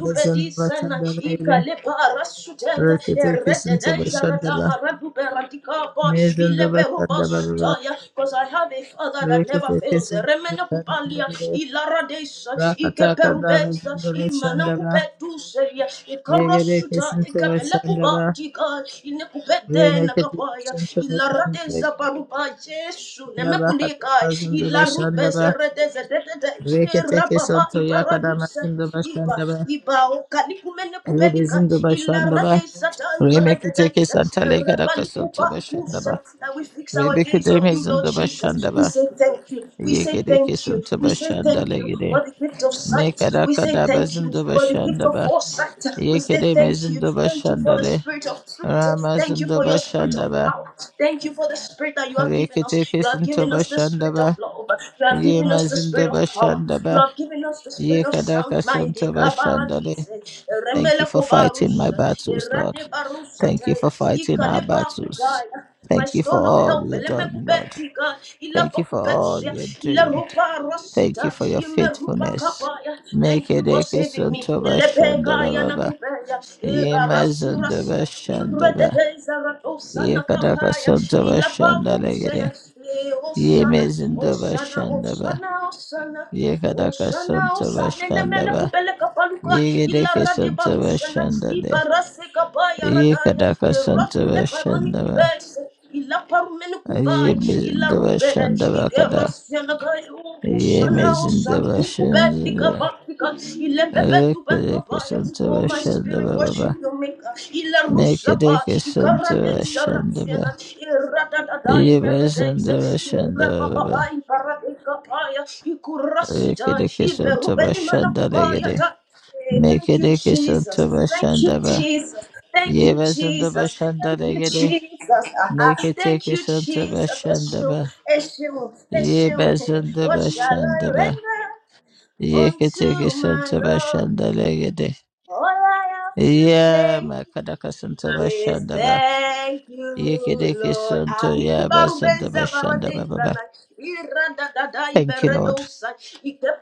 Speaker 2: Mezandaba Sandababe,
Speaker 1: ikaleparasutaya
Speaker 2: Rekete Kisun Saba
Speaker 1: Eredeza because
Speaker 2: Shandaba, Mezandaba Sandababa,
Speaker 1: I have a father that never
Speaker 2: Rekete
Speaker 1: fails.
Speaker 2: Kisun Saba
Speaker 1: Remena kupalia,
Speaker 2: Shandababe,
Speaker 1: ilaradesa,
Speaker 2: Rakata Kada
Speaker 1: ikeperubesa,
Speaker 2: Mezandaba
Speaker 1: imana
Speaker 2: Shandaba,
Speaker 1: kupetuselia,
Speaker 2: Yegere
Speaker 1: ikarasuta,
Speaker 2: Kisun Saba Shandaba,
Speaker 1: ikapelekubatika, inekupede
Speaker 2: Renekete
Speaker 1: nakapaya,
Speaker 2: Kisun Saba Shandabe,
Speaker 1: ilaradesa baruba, Yesu,
Speaker 2: Rabakata
Speaker 1: nemekulika,
Speaker 2: Mazandaba
Speaker 1: ilarubese
Speaker 2: Shandaba,
Speaker 1: redeze, dedede,
Speaker 2: Rekete
Speaker 1: irababa,
Speaker 2: Kisun Toyakada
Speaker 1: ibaradusa,
Speaker 2: Mazandaba
Speaker 1: iba,
Speaker 2: Shandaba,
Speaker 1: iba, okalikumene that
Speaker 2: Rebezindaba Shandaba, Remekete Kisun Talekada Kasun Saba Shandaba,
Speaker 1: we fix our gaze
Speaker 2: Rebekete
Speaker 1: on you, Lord
Speaker 2: Mezandaba
Speaker 1: Jesus. We
Speaker 2: Shandaba,
Speaker 1: say thank you. We say
Speaker 2: Yekere
Speaker 1: thank you.
Speaker 2: kesinti
Speaker 1: We say
Speaker 2: başında
Speaker 1: thank you
Speaker 2: legere.
Speaker 1: for the gift of sight.
Speaker 2: Mekara
Speaker 1: We say
Speaker 2: kadaba
Speaker 1: thank you
Speaker 2: zindu
Speaker 1: for the gift
Speaker 2: başında
Speaker 1: of
Speaker 2: ba.
Speaker 1: foresight. We say
Speaker 2: Yekere
Speaker 1: thank you.
Speaker 2: mezindu
Speaker 1: Thank you
Speaker 2: başında
Speaker 1: for the
Speaker 2: le.
Speaker 1: spirit of truth.
Speaker 2: Rama
Speaker 1: Thank you for
Speaker 2: zindu
Speaker 1: your spirit of
Speaker 2: başında ba.
Speaker 1: power. Thank you for the spirit that you have given
Speaker 2: Rekete
Speaker 1: us. You have given
Speaker 2: kesinti
Speaker 1: us the
Speaker 2: başında
Speaker 1: spirit of
Speaker 2: ba.
Speaker 1: love. You have given
Speaker 2: Yema
Speaker 1: us the spirit
Speaker 2: zindu
Speaker 1: of power.
Speaker 2: başında
Speaker 1: You
Speaker 2: ba.
Speaker 1: have given us the spirit of
Speaker 2: Yekara
Speaker 1: sound mind de
Speaker 2: kasinti başında le.
Speaker 1: kabaradise
Speaker 2: Thank
Speaker 1: remele
Speaker 2: you for fighting my
Speaker 1: kobarusha
Speaker 2: battles, Lord.
Speaker 1: erate barusha
Speaker 2: Thank you
Speaker 1: taya
Speaker 2: for fighting our
Speaker 1: ikalepa
Speaker 2: battles.
Speaker 1: kubaya my
Speaker 2: Thank you for
Speaker 1: stone of
Speaker 2: all
Speaker 1: help
Speaker 2: you've done, Lord.
Speaker 1: elemekubetika
Speaker 2: Thank you for all
Speaker 1: ilapakubesha
Speaker 2: you're doing.
Speaker 1: ilarupa
Speaker 2: Thank
Speaker 1: rosita
Speaker 2: you for your
Speaker 1: imerupa
Speaker 2: faithfulness.
Speaker 1: kabaya
Speaker 2: Make
Speaker 1: thank you
Speaker 2: it
Speaker 1: for
Speaker 2: a kiss
Speaker 1: saving
Speaker 2: on
Speaker 1: me
Speaker 2: Toba
Speaker 1: ilepekaya na
Speaker 2: Shandababa.
Speaker 1: kubeya
Speaker 2: Yemazundaba
Speaker 1: ebarasurasia
Speaker 2: Shandaba.
Speaker 1: irededezaratosa na
Speaker 2: Yekadaka
Speaker 1: kapaya
Speaker 2: Santoba
Speaker 1: ilapakusaya
Speaker 2: Shandalegede.
Speaker 1: e osana
Speaker 2: Yemezundaba
Speaker 1: osana
Speaker 2: Shandaba.
Speaker 1: osana osana
Speaker 2: Yekadaka
Speaker 1: Oshana
Speaker 2: Santoba
Speaker 1: osane ne mele
Speaker 2: Shandaba.
Speaker 1: kupele kapaluka
Speaker 2: Yegedeke
Speaker 1: ilara de
Speaker 2: Santoba
Speaker 1: barushana
Speaker 2: Shandade.
Speaker 1: iparase kapaya radaya
Speaker 2: Yekadaka
Speaker 1: eratu ne
Speaker 2: Santoba
Speaker 1: paroni kupe
Speaker 2: Shandaba.
Speaker 1: Ila parmeni kubai, ila
Speaker 2: Yemezundaba
Speaker 1: rubene,
Speaker 2: Shandaba
Speaker 1: ikera
Speaker 2: Kada.
Speaker 1: sena uko sana o
Speaker 2: Yemezundaba
Speaker 1: santu kubai, tika
Speaker 2: Shandaba.
Speaker 1: ila bebe tu
Speaker 2: Yekadeke
Speaker 1: Oh,
Speaker 2: Santoba
Speaker 1: my spirit,
Speaker 2: Shandaba
Speaker 1: worship your maker. Ila rusa pa,
Speaker 2: Mekadeka
Speaker 1: ikara de
Speaker 2: Santara
Speaker 1: isara
Speaker 2: Shandaba
Speaker 1: ira da da da
Speaker 2: Yiba
Speaker 1: imeredeze,
Speaker 2: Sandara
Speaker 1: ira pa
Speaker 2: Shandaba
Speaker 1: impara de ikurasita,
Speaker 2: Rikadeka Santaba
Speaker 1: iberubeni mana kubaya
Speaker 2: Shandalegade
Speaker 1: ta. Thank you,
Speaker 2: Mekadeka
Speaker 1: Jesus.
Speaker 2: Santaba
Speaker 1: Thank you,
Speaker 2: Shandaba
Speaker 1: Jesus. Thank you,
Speaker 2: Yiba Sandaba
Speaker 1: Jesus. Thank you,
Speaker 2: Shandalegade
Speaker 1: Jesus. Uh-huh. Thank
Speaker 2: Mekateka
Speaker 1: you,
Speaker 2: Santaba
Speaker 1: Jesus. Eshu,
Speaker 2: Shandaba
Speaker 1: Eshu,
Speaker 2: Yiba
Speaker 1: Eshu. What
Speaker 2: Sandaba
Speaker 1: shall I
Speaker 2: Shandaba
Speaker 1: render
Speaker 2: Yekateka
Speaker 1: unto my
Speaker 2: Santaba
Speaker 1: Lord?
Speaker 2: Shandalegade
Speaker 1: All I have to
Speaker 2: Ya
Speaker 1: say.
Speaker 2: Makadaka Santaba
Speaker 1: Yes,
Speaker 2: Shandaba
Speaker 1: thank you,
Speaker 2: Yekadeka
Speaker 1: Lord.
Speaker 2: Santo Yaba
Speaker 1: Anikubaru
Speaker 2: Sandaba
Speaker 1: benza
Speaker 2: Shandaba
Speaker 1: barade
Speaker 2: Baba.
Speaker 1: zana. Irada dada
Speaker 2: Thank you, Lord.
Speaker 1: iberedosa.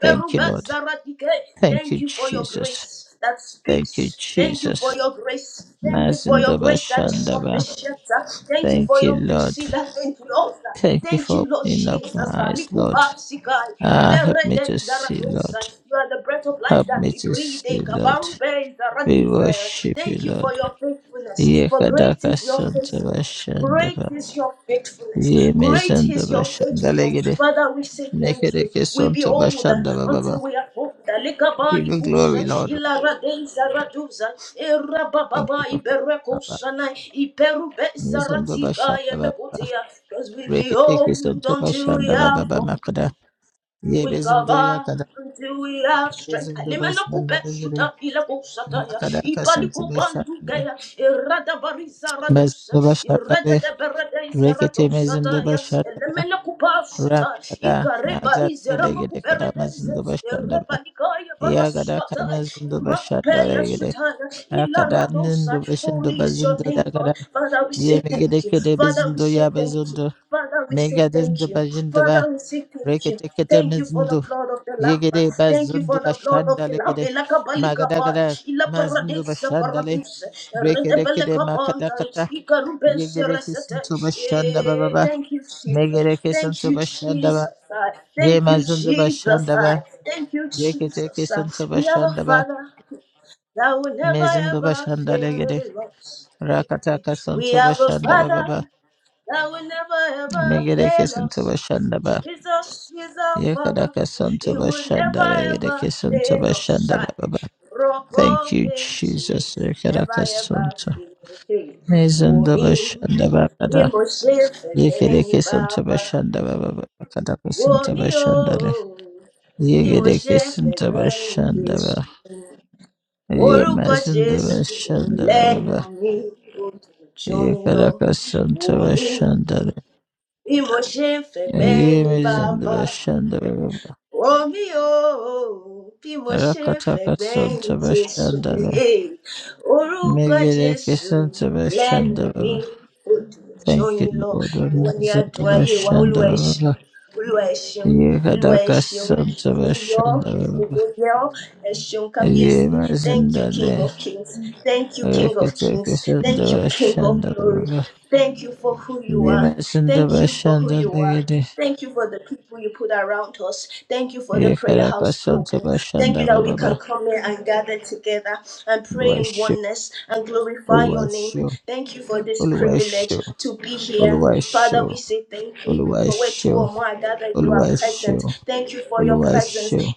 Speaker 2: Thank you, Lord.
Speaker 1: bezaratike.
Speaker 2: Thank
Speaker 1: Thank
Speaker 2: you,
Speaker 1: you for your
Speaker 2: Jesus.
Speaker 1: grace that
Speaker 2: Thank you,
Speaker 1: speaks. Thank you for
Speaker 2: Jesus.
Speaker 1: your grace. Thank you for your
Speaker 2: Mazindaba
Speaker 1: grace that is
Speaker 2: Shandaba.
Speaker 1: sufficient. Ah, Thank you for
Speaker 2: Thank you,
Speaker 1: your
Speaker 2: Lord.
Speaker 1: mercy that endures. Ah,
Speaker 2: Thank you
Speaker 1: Thank
Speaker 2: for
Speaker 1: you, Lord
Speaker 2: opening up my
Speaker 1: Jesus.
Speaker 2: eyes, Lord.
Speaker 1: Anikubaru sikai.
Speaker 2: Ah, help me
Speaker 1: Ilerede
Speaker 2: to see,
Speaker 1: zaradosa.
Speaker 2: Lord.
Speaker 1: You are the breath of life
Speaker 2: Help
Speaker 1: that
Speaker 2: me to see,
Speaker 1: ibride
Speaker 2: Lord.
Speaker 1: kabambe
Speaker 2: We
Speaker 1: zaradisa.
Speaker 2: worship you,
Speaker 1: Thank you for
Speaker 2: Lord.
Speaker 1: your faithfulness. For great
Speaker 2: Yekadaka
Speaker 1: is your
Speaker 2: Santaba
Speaker 1: faithfulness. Great
Speaker 2: Shandaba.
Speaker 1: is your faithfulness. Great is
Speaker 2: Yemizandaba
Speaker 1: your faithfulness.
Speaker 2: Shandalegede.
Speaker 1: Father, we say thank you.
Speaker 2: Mekedeke
Speaker 1: We
Speaker 2: Santaba
Speaker 1: behold
Speaker 2: Shandaba
Speaker 1: until
Speaker 2: Baba.
Speaker 1: we are old. Lekaba
Speaker 2: Give you glory,
Speaker 1: ikusa
Speaker 2: Lord.
Speaker 1: ilaradeza raduza
Speaker 2: Thank you
Speaker 1: erababa
Speaker 2: for
Speaker 1: iberekosana iperube zaratika
Speaker 2: Father.
Speaker 1: yemekotia. Because we
Speaker 2: Rekete
Speaker 1: behold
Speaker 2: Krisanta
Speaker 1: until we
Speaker 2: Bashanda
Speaker 1: are
Speaker 2: Baba
Speaker 1: full.
Speaker 2: Makada. Ye
Speaker 1: We
Speaker 2: Bezundo
Speaker 1: cover
Speaker 2: Yakada.
Speaker 1: until we have strength.
Speaker 2: Bezundo
Speaker 1: Lemena kupe
Speaker 2: Bashanda Yere.
Speaker 1: suta ila kusata ya
Speaker 2: Makada
Speaker 1: ipali
Speaker 2: Kasanta
Speaker 1: kubantu
Speaker 2: Bashanda.
Speaker 1: kaya irada bariza radusa
Speaker 2: Bezundo Bashanda.
Speaker 1: irada de berada isara
Speaker 2: Rekete Mezundo
Speaker 1: dusata ya
Speaker 2: Bashanda.
Speaker 1: lemena kupa suta
Speaker 2: Ramada.
Speaker 1: ikare
Speaker 2: Azad
Speaker 1: bariza rama
Speaker 2: Legede
Speaker 1: kupe
Speaker 2: Kada
Speaker 1: radeza
Speaker 2: Mezundo Bashanda.
Speaker 1: irapa ikaya
Speaker 2: Yagada
Speaker 1: baraswata
Speaker 2: Kamezundo
Speaker 1: makupe
Speaker 2: Bashanda
Speaker 1: ya
Speaker 2: Legede.
Speaker 1: suta ya ila
Speaker 2: Akada
Speaker 1: radusa.
Speaker 2: Nindo Bashando
Speaker 1: Holy is your
Speaker 2: Bazundo
Speaker 1: name,
Speaker 2: Dagada.
Speaker 1: Lord. Father, we say
Speaker 2: Ye
Speaker 1: thank
Speaker 2: Megede
Speaker 1: you.
Speaker 2: Kede
Speaker 1: Father, we
Speaker 2: Bezundo
Speaker 1: say thank
Speaker 2: Yabazundo.
Speaker 1: you. Father, we say thank
Speaker 2: Megadenzo
Speaker 1: you.
Speaker 2: Bajindaba.
Speaker 1: Father, we say thank you.
Speaker 2: Rekete Kete
Speaker 1: Thank you for the
Speaker 2: Mezundo.
Speaker 1: blood of the Lamb.
Speaker 2: Yegede
Speaker 1: Thank you
Speaker 2: bazundu
Speaker 1: for the blood of the
Speaker 2: bashandale
Speaker 1: Lamb.
Speaker 2: gede
Speaker 1: Ila kabalika ba,
Speaker 2: magadagada
Speaker 1: ila
Speaker 2: mazundu
Speaker 1: paradisa
Speaker 2: bashandale
Speaker 1: paradise. Rende
Speaker 2: brekede
Speaker 1: bele
Speaker 2: kede
Speaker 1: kabanda,
Speaker 2: makadakata
Speaker 1: ikarubes
Speaker 2: yegede kisuntu
Speaker 1: resete.
Speaker 2: bashanda baba
Speaker 1: Eh,
Speaker 2: ba
Speaker 1: Thank you, Jesus.
Speaker 2: megede
Speaker 1: Thank
Speaker 2: kisuntu
Speaker 1: you,
Speaker 2: bashanda ba
Speaker 1: Jesus. Ah,
Speaker 2: ye
Speaker 1: Thank you,
Speaker 2: mazundu
Speaker 1: Jesus.
Speaker 2: bashanda
Speaker 1: Ah,
Speaker 2: ba
Speaker 1: Thank you,
Speaker 2: brekede
Speaker 1: Jesus. Ah,
Speaker 2: kisuntu
Speaker 1: We have a
Speaker 2: bashanda ba
Speaker 1: Father that will never
Speaker 2: mezundu
Speaker 1: ever
Speaker 2: bashandale gede
Speaker 1: fail us.
Speaker 2: rakata
Speaker 1: We
Speaker 2: kasuntu
Speaker 1: have a
Speaker 2: bashanda baba ba
Speaker 1: Father that will never ever
Speaker 2: megede
Speaker 1: fail
Speaker 2: kisuntu
Speaker 1: us.
Speaker 2: bashanda ba
Speaker 1: Jesus is our
Speaker 2: yekada
Speaker 1: Father.
Speaker 2: kasuntu
Speaker 1: He will never
Speaker 2: bashandale gede
Speaker 1: ever
Speaker 2: kisuntu
Speaker 1: fail us.
Speaker 2: bashanda baba ba
Speaker 1: Rock
Speaker 2: thank
Speaker 1: of
Speaker 2: you jesus
Speaker 1: ages,
Speaker 2: yekada
Speaker 1: never ever
Speaker 2: kasuntu
Speaker 1: fail. Hey,
Speaker 2: Mizanda
Speaker 1: woman,
Speaker 2: bashanda
Speaker 1: bí
Speaker 2: bakada
Speaker 1: mo ṣe fẹ̀gbẹ́yìn
Speaker 2: yekereke santa
Speaker 1: bàbá
Speaker 2: bashanda baba bakada
Speaker 1: wo
Speaker 2: kusinta
Speaker 1: mí o
Speaker 2: bashanda le
Speaker 1: bí mo
Speaker 2: yekereke
Speaker 1: ṣe
Speaker 2: santa
Speaker 1: fẹ̀gbẹ́yìn
Speaker 2: bashanda ba
Speaker 1: jésù
Speaker 2: ye
Speaker 1: orúkọ
Speaker 2: mazanda
Speaker 1: jésù
Speaker 2: bashanda
Speaker 1: lẹ́nu
Speaker 2: baba
Speaker 1: mi ó dùn jù yín lọ
Speaker 2: yekereke santa
Speaker 1: wò mí
Speaker 2: bashanda le
Speaker 1: bí mo ṣe ń
Speaker 2: ye
Speaker 1: fẹ̀gbẹ́yìn
Speaker 2: mizanda
Speaker 1: bàbá
Speaker 2: bashanda baba
Speaker 1: wò mí o bí mo ṣe ń
Speaker 2: rakataka
Speaker 1: fẹ̀gbẹ́yìn
Speaker 2: santa
Speaker 1: jésù
Speaker 2: bashanda
Speaker 1: mi
Speaker 2: le
Speaker 1: eh, orúkọ
Speaker 2: megereke
Speaker 1: jésù
Speaker 2: santa
Speaker 1: lẹ́nu
Speaker 2: bashanda
Speaker 1: mi
Speaker 2: baba
Speaker 1: ó dùn
Speaker 2: thank you
Speaker 1: jóyin lọ
Speaker 2: lord
Speaker 1: ìwọ ni
Speaker 2: mazanda
Speaker 1: adùn ayé wa
Speaker 2: bashanda
Speaker 1: olúwa ẹ ṣeun
Speaker 2: baba
Speaker 1: olúwa ẹ ṣeun olúwa ẹ
Speaker 2: yekereke
Speaker 1: ṣeun
Speaker 2: santa
Speaker 1: yíyọ
Speaker 2: bashanda baba
Speaker 1: ògo yẹ ọ́ ẹ ṣeun kábíyèsí thank you king
Speaker 2: Yemasindale
Speaker 1: of kings thank you king of kings thank you king of glory.
Speaker 2: Rekitekisindavashandava
Speaker 1: Thank you for who you are. Thank you for who you are.
Speaker 2: Yemasindavashandaligidi
Speaker 1: Thank you for the people you put around us. Thank you for the Prayer House Global. Thank you that we can
Speaker 2: Yekarakasantavashandavava
Speaker 1: come here and gather together and pray in
Speaker 2: Uluwaishu
Speaker 1: oneness and glorify your name.
Speaker 2: Uluwaishu
Speaker 1: Thank you for this privilege
Speaker 2: Uluwaishu
Speaker 1: to be here.
Speaker 2: Uluwaishu
Speaker 1: Father, we say thank you. For where two
Speaker 2: Uluwaishu
Speaker 1: or more are gathered, you are present. Thank you for your
Speaker 2: Uluwaishu
Speaker 1: presence,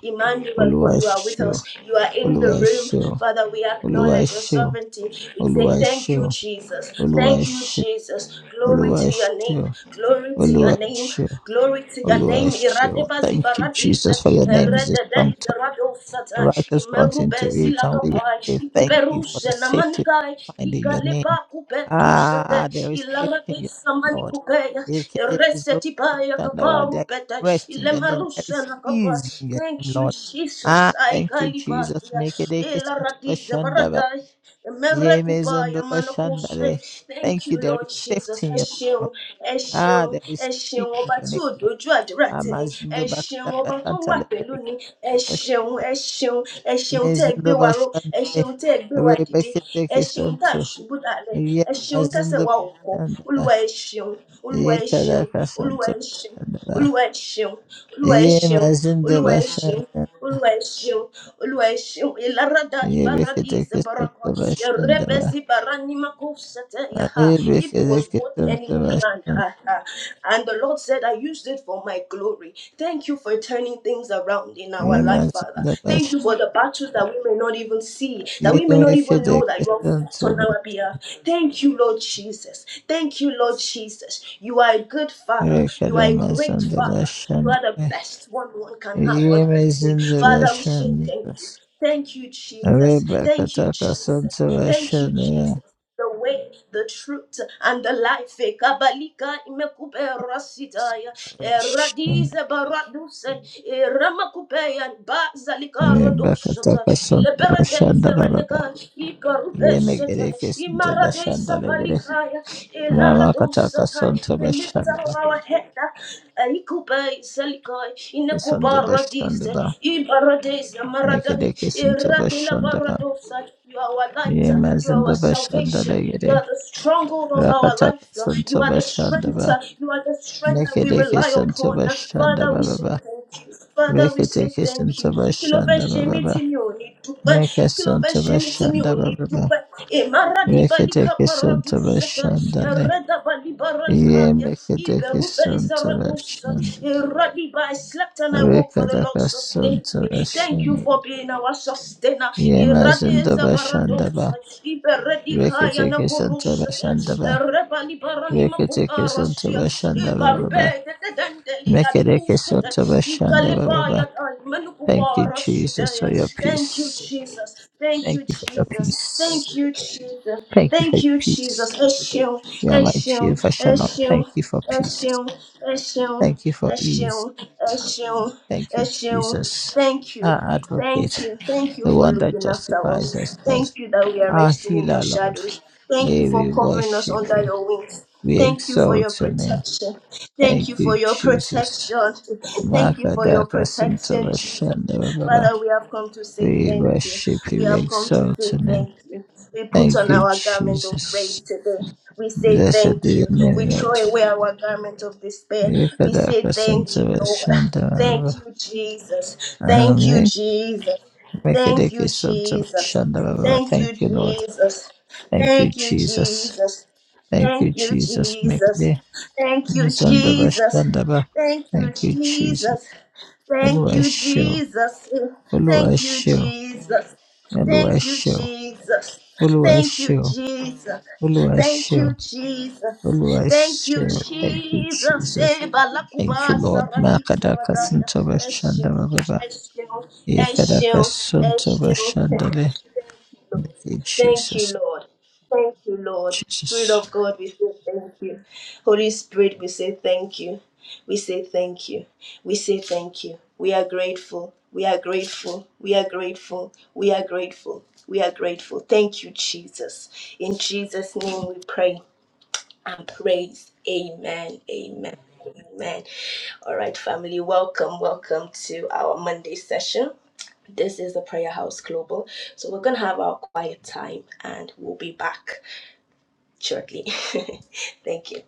Speaker 2: Uluwaishu
Speaker 1: Emmanuel, for you are with
Speaker 2: Uluwaishu
Speaker 1: us. You are in the room.
Speaker 2: Uluwaishu
Speaker 1: Father, we acknowledge your
Speaker 2: Uluwaishu Uluwaishu
Speaker 1: sovereignty. We say, Thank you, Jesus. Thank you,
Speaker 2: Uluwaishu
Speaker 1: Jesus. Glory to your name.
Speaker 2: Uluwaishu
Speaker 1: Glory to your name.
Speaker 2: Uluwaishu
Speaker 1: Glory to your
Speaker 2: Oluwa
Speaker 1: name. Iradebazi
Speaker 2: Thank you,
Speaker 1: baradiza.
Speaker 2: Jesus, for your name is a
Speaker 1: Eredede
Speaker 2: strong tower. The
Speaker 1: izaradosata.
Speaker 2: righteous runs into
Speaker 1: Imerubezi
Speaker 2: it and we are
Speaker 1: lakapai.
Speaker 2: safe. Thank you for the
Speaker 1: Ikuperuse
Speaker 2: safety
Speaker 1: namanikai.
Speaker 2: we find in your name.
Speaker 1: Ikalepa kupetusate.
Speaker 2: Ah, there is safety in your
Speaker 1: Ilaradisa
Speaker 2: name, Lord.
Speaker 1: manikupeya.
Speaker 2: There is no
Speaker 1: Resetipaya
Speaker 2: question about
Speaker 1: kaparu
Speaker 2: that.
Speaker 1: peta.
Speaker 2: Rest in your name. There
Speaker 1: Ilemarusa
Speaker 2: is
Speaker 1: na kapa.
Speaker 2: ease in your
Speaker 1: Thank
Speaker 2: name,
Speaker 1: you,
Speaker 2: Lord.
Speaker 1: Jesus.
Speaker 2: Ah,
Speaker 1: I
Speaker 2: thank you, Jesus.
Speaker 1: kalibaria.
Speaker 2: Make it a kiss
Speaker 1: Ela
Speaker 2: into a
Speaker 1: radiza
Speaker 2: shandaba.
Speaker 1: baradai. Merekubaya
Speaker 2: Yemezondo a
Speaker 1: manakuse. Thank
Speaker 2: Thank you.
Speaker 1: you,
Speaker 2: There is
Speaker 1: Lord Jesus.
Speaker 2: safety in
Speaker 1: Ẹ
Speaker 2: your name,
Speaker 1: ṣeun,
Speaker 2: Lord.
Speaker 1: ẹ
Speaker 2: Ah,
Speaker 1: ṣeun,
Speaker 2: there
Speaker 1: ẹ
Speaker 2: is
Speaker 1: ṣeun.
Speaker 2: peace in
Speaker 1: Ọba
Speaker 2: your
Speaker 1: tí
Speaker 2: name,
Speaker 1: ò
Speaker 2: Lord.
Speaker 1: dojú àdúrà tì ní. Ẹ
Speaker 2: Amazindo
Speaker 1: ṣeun,
Speaker 2: bakadaka
Speaker 1: ọba tó
Speaker 2: santa
Speaker 1: wà pẹ̀lú
Speaker 2: lekedeke
Speaker 1: ni. Ẹ ṣeun, ẹ ṣeun, ẹ ṣeun tẹ́ ẹ
Speaker 2: mezindo
Speaker 1: gbé wa ró. Ẹ
Speaker 2: bashande
Speaker 1: ṣeun tẹ́ ẹ gbé wa dìde.
Speaker 2: rebekete
Speaker 1: Ẹ ṣeun tá a
Speaker 2: kisonto
Speaker 1: ṣubú dalẹ̀.
Speaker 2: ye
Speaker 1: Ẹ ṣeun tẹ́sẹ̀
Speaker 2: mazindo
Speaker 1: wa ò kọ́.
Speaker 2: bashande ba
Speaker 1: Olúwa ẹ ṣeun. Olúwa
Speaker 2: ye
Speaker 1: ẹ ṣeun,
Speaker 2: kadaka
Speaker 1: Olúwa
Speaker 2: santo
Speaker 1: ẹ ṣeun,
Speaker 2: bashande ba
Speaker 1: Olúwa ẹ ṣeun, Olúwa ẹ
Speaker 2: ye
Speaker 1: ṣeun,
Speaker 2: mazindo
Speaker 1: Olúwa ẹ ṣeun.
Speaker 2: bashande
Speaker 1: Olúwa ẹ ṣeun, Olúwa ìlàrádá
Speaker 2: ye
Speaker 1: ìbáradì
Speaker 2: bekete kisonto
Speaker 1: ìsẹ̀bárakọ̀,
Speaker 2: bashande ba
Speaker 1: ẹ̀rẹ́bẹ̀sì bàránímákò ṣẹ̀tẹ̀yàhá.
Speaker 2: ye
Speaker 1: If it
Speaker 2: bekete
Speaker 1: was what the
Speaker 2: kisonto
Speaker 1: enemy planned,
Speaker 2: bashande
Speaker 1: ah, ah. and the Lord said, I used it for my glory. Thank you for turning things around in our
Speaker 2: ye
Speaker 1: life, Father.
Speaker 2: mazindo
Speaker 1: Thank you
Speaker 2: bashande
Speaker 1: for the battles that we may not even see,
Speaker 2: ye
Speaker 1: that we may not even
Speaker 2: bekete
Speaker 1: know that you are fought
Speaker 2: kisonto
Speaker 1: on our behalf. Thank you, Lord Jesus. Thank you, Lord Jesus. Jesus. You are a good father. You
Speaker 2: rekada
Speaker 1: are a great
Speaker 2: mazindo
Speaker 1: father. You
Speaker 2: bashande
Speaker 1: are the best one one can have on her team.
Speaker 2: Yemesin
Speaker 1: Father, we say thank you.
Speaker 2: Devashanivas.
Speaker 1: Thank you, Jesus. Thank you,
Speaker 2: Rebekataka
Speaker 1: Jesus. Thank you, Jesus.
Speaker 2: Santavashanivas.
Speaker 1: The way, the truth, and the life. Ekabalika imekupe rasitaya. Eradize baraduse. Eramakupe and bazalika radosata.
Speaker 2: Rebekataka
Speaker 1: Leberadeze
Speaker 2: Santavashanda Baba.
Speaker 1: renega. Ikarubesete.
Speaker 2: Yemegereke Santavashanda
Speaker 1: Imaradesa
Speaker 2: Legere.
Speaker 1: palikaya. Eh,
Speaker 2: Ramakataka
Speaker 1: we lift up
Speaker 2: Santavashanda.
Speaker 1: our head. Ikubai Selikai in the Kubaradis,
Speaker 2: Santavashanda Ba.
Speaker 1: Ibaradis, Maradai,
Speaker 2: Mekereke
Speaker 1: Iradila
Speaker 2: Santavashanda Ba.
Speaker 1: Baradosa. You are our light, you are
Speaker 2: Yemesin
Speaker 1: our
Speaker 2: Devashanda
Speaker 1: salvation, you are
Speaker 2: Legere.
Speaker 1: the stronghold of our
Speaker 2: Rakataka
Speaker 1: life, Lord. you are the
Speaker 2: Santavashanda
Speaker 1: strength,
Speaker 2: Ba.
Speaker 1: you are the strength that we
Speaker 2: Mekereke
Speaker 1: rely upon.
Speaker 2: Santavashanda
Speaker 1: Father, we say
Speaker 2: Baba.
Speaker 1: thank you. Father, we say thank you.
Speaker 2: Reketekesanta
Speaker 1: Kí ló fẹ́
Speaker 2: bashanda
Speaker 1: ṣe mí
Speaker 2: baba.
Speaker 1: tí mi ò ní dúpẹ́? Kí ló fẹ́
Speaker 2: Mekasanta
Speaker 1: ṣe mí tí mi ò
Speaker 2: bashanda
Speaker 1: ní
Speaker 2: baba. Reketekesanta
Speaker 1: paradusete
Speaker 2: bashanda le.
Speaker 1: Ereda bali
Speaker 2: Ye
Speaker 1: baranikaya. Iberuba
Speaker 2: meketekesanta
Speaker 1: izaradosa.
Speaker 2: bashanda.
Speaker 1: Eradiba, I slept and I woke for the Lord sustained
Speaker 2: Reketekesanta
Speaker 1: me. Thank you
Speaker 2: bashanda.
Speaker 1: for being our sustainer.
Speaker 2: Ye mazanda
Speaker 1: Iradeza
Speaker 2: bashanda
Speaker 1: baradosa.
Speaker 2: ba.
Speaker 1: Iberedikaya
Speaker 2: Reketekesanta bashanda
Speaker 1: nakorusate.
Speaker 2: ba.
Speaker 1: Erebali barani
Speaker 2: Reketekesanta
Speaker 1: makukarasia.
Speaker 2: bashanda baba.
Speaker 1: Ibarube dedendeli adikusa.
Speaker 2: Meketekesanta bashanda baba. Thank you, Jesus, for your
Speaker 1: Thank you,
Speaker 2: peace.
Speaker 1: Jesus. Thank you,
Speaker 2: Thank you for your
Speaker 1: Jesus.
Speaker 2: peace.
Speaker 1: Thank you, Jesus.
Speaker 2: Thank you for
Speaker 1: Thank
Speaker 2: your
Speaker 1: you,
Speaker 2: peace.
Speaker 1: Jesus. Eshio,
Speaker 2: You are my
Speaker 1: Eshio,
Speaker 2: cheer for shalom.
Speaker 1: Eshio,
Speaker 2: Thank you for peace.
Speaker 1: Eshio, Eshio,
Speaker 2: Thank you for ease.
Speaker 1: Eshio, Eshio,
Speaker 2: Thank you,
Speaker 1: Eshio.
Speaker 2: Jesus.
Speaker 1: Thank you.
Speaker 2: Our
Speaker 1: Thank
Speaker 2: advocate,
Speaker 1: you. Thank you
Speaker 2: the
Speaker 1: for
Speaker 2: one that
Speaker 1: looking after us.
Speaker 2: justifies us, Lord.
Speaker 1: Thank you that we are
Speaker 2: Our
Speaker 1: resting in your
Speaker 2: healer, Lord.
Speaker 1: shadows. Thank you
Speaker 2: Hey,
Speaker 1: for
Speaker 2: we
Speaker 1: covering us
Speaker 2: worship
Speaker 1: under
Speaker 2: you.
Speaker 1: your wings.
Speaker 2: We
Speaker 1: Thank you for your
Speaker 2: exalt your name.
Speaker 1: protection. Thank
Speaker 2: Thank
Speaker 1: you for
Speaker 2: you,
Speaker 1: your
Speaker 2: Jesus.
Speaker 1: protection. Thank you for your
Speaker 2: Makadaka
Speaker 1: protection, Jesus.
Speaker 2: Santabashanda Baba.
Speaker 1: Father, we have come to say
Speaker 2: We
Speaker 1: thank you.
Speaker 2: worship
Speaker 1: We
Speaker 2: you. We
Speaker 1: have come to
Speaker 2: exalt
Speaker 1: say
Speaker 2: your name.
Speaker 1: thank you. We put
Speaker 2: Thank
Speaker 1: on
Speaker 2: you,
Speaker 1: our garment of praise
Speaker 2: Jesus.
Speaker 1: today. We say
Speaker 2: Blessed be
Speaker 1: thank
Speaker 2: your
Speaker 1: you.
Speaker 2: name,
Speaker 1: We throw
Speaker 2: Lord.
Speaker 1: away our garment of despair. We
Speaker 2: Ekadaka
Speaker 1: say thank you, Lord.
Speaker 2: Santabashanda
Speaker 1: Thank
Speaker 2: Baba.
Speaker 1: you, Jesus. Thank
Speaker 2: Um,
Speaker 1: you,
Speaker 2: eh,
Speaker 1: Jesus.
Speaker 2: make it a
Speaker 1: Thank you,
Speaker 2: kiss on to
Speaker 1: Jesus.
Speaker 2: Shanda Baba.
Speaker 1: Thank
Speaker 2: Thank
Speaker 1: you,
Speaker 2: you, Lord.
Speaker 1: Jesus.
Speaker 2: Thank you,
Speaker 1: Thank you,
Speaker 2: Jesus.
Speaker 1: Jesus.
Speaker 2: Thank you,
Speaker 1: Thank you,
Speaker 2: Jesus. Make it
Speaker 1: Jesus.
Speaker 2: a
Speaker 1: Thank you,
Speaker 2: kiss on the
Speaker 1: Jesus.
Speaker 2: Shanda Baba.
Speaker 1: Thank you,
Speaker 2: Thank you, Jesus.
Speaker 1: Jesus. Thank
Speaker 2: Olúwa ẹ
Speaker 1: you,
Speaker 2: ṣé o.
Speaker 1: Jesus.
Speaker 2: Olúwa ẹ
Speaker 1: Thank you,
Speaker 2: ṣé o.
Speaker 1: Jesus.
Speaker 2: Olúwa ẹ
Speaker 1: Thank you,
Speaker 2: ṣé o.
Speaker 1: Jesus.
Speaker 2: Olúwa ẹ
Speaker 1: Thank
Speaker 2: ṣé
Speaker 1: you,
Speaker 2: o.
Speaker 1: Jesus.
Speaker 2: Olúwa ẹ
Speaker 1: Thank
Speaker 2: ṣé o.
Speaker 1: you, Jesus.
Speaker 2: Olúwa ẹ
Speaker 1: Thank
Speaker 2: ṣé
Speaker 1: you,
Speaker 2: o. Thank you,
Speaker 1: Jesus.
Speaker 2: Jesus.
Speaker 1: Eh,
Speaker 2: Thank
Speaker 1: balakuba,
Speaker 2: you, Lord.
Speaker 1: sarati,
Speaker 2: Makadaka
Speaker 1: saradaya.
Speaker 2: Suntoba
Speaker 1: Eshe,
Speaker 2: Shanda
Speaker 1: eshe,
Speaker 2: Ekadaka
Speaker 1: eshe,
Speaker 2: Suntoba
Speaker 1: eshe.
Speaker 2: Shandale. Thank you,
Speaker 1: Thank
Speaker 2: Jesus.
Speaker 1: you, Lord. Thank you, Lord.
Speaker 2: Jesus.
Speaker 1: Spirit of God, we say thank you. Holy Spirit, we say thank you. We say thank you. We say thank you. We are grateful. We are grateful. We are grateful. We are grateful. We are grateful. Thank you, Jesus. In Jesus' name we pray and praise. Amen. Amen. Amen. All right, family, welcome. Welcome to our Monday session. This is the Prayer House Global. So we're going to have our quiet time and we'll be back shortly. Thank you.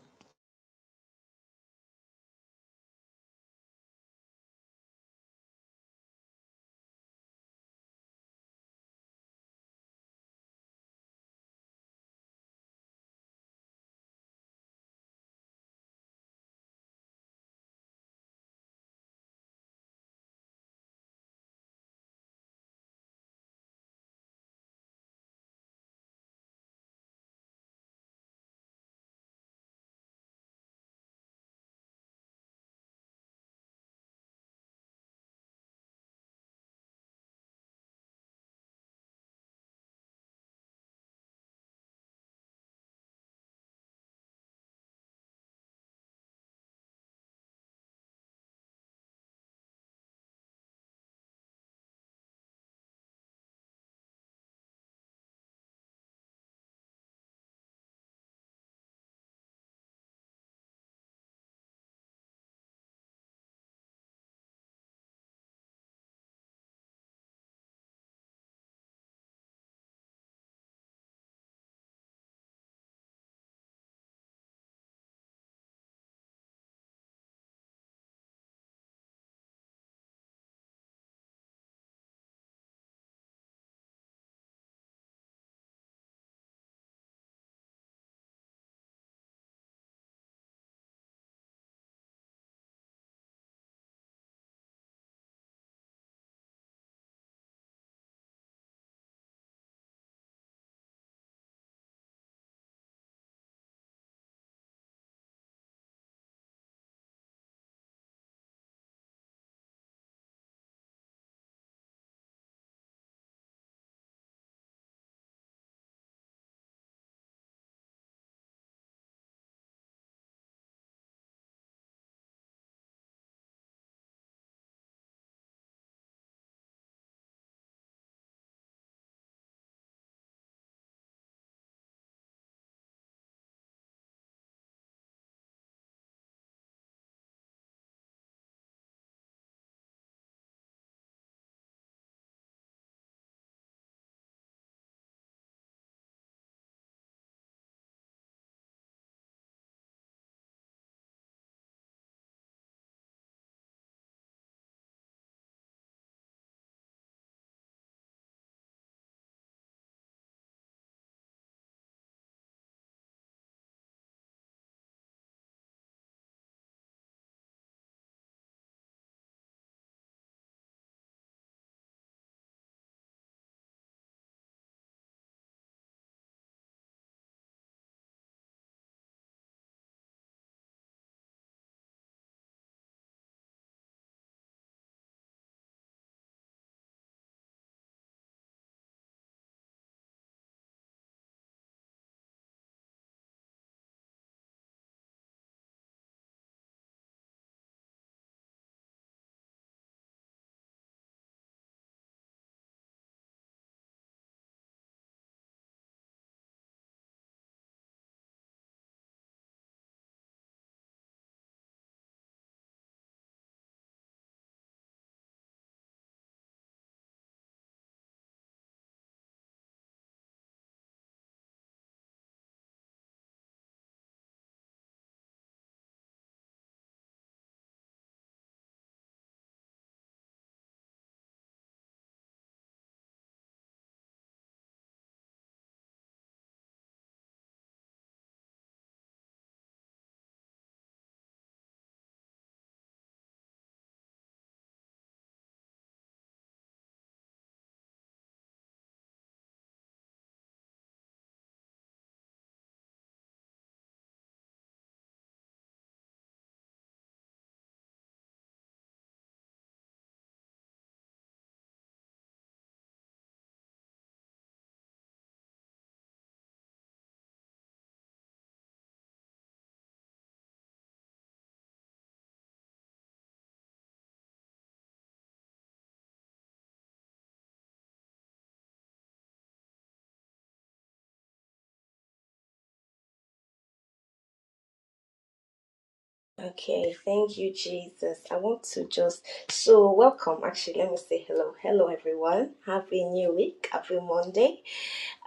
Speaker 1: Okay, thank you, Jesus. I want to just so welcome. Actually, let me say hello. Hello, everyone. Happy New Week. Happy Monday.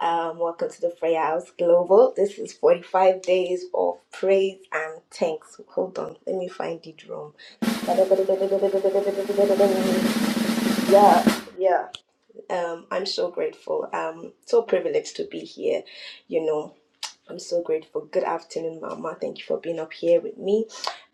Speaker 1: Um, welcome to the Prayer House Global. This is 45 days of praise and thanks. Hold on, let me find the drum. Yeah. Um, I'm so grateful. I'm so privileged to be here, you know. I'm so grateful. Good afternoon, Mama. Thank you for being up here with me.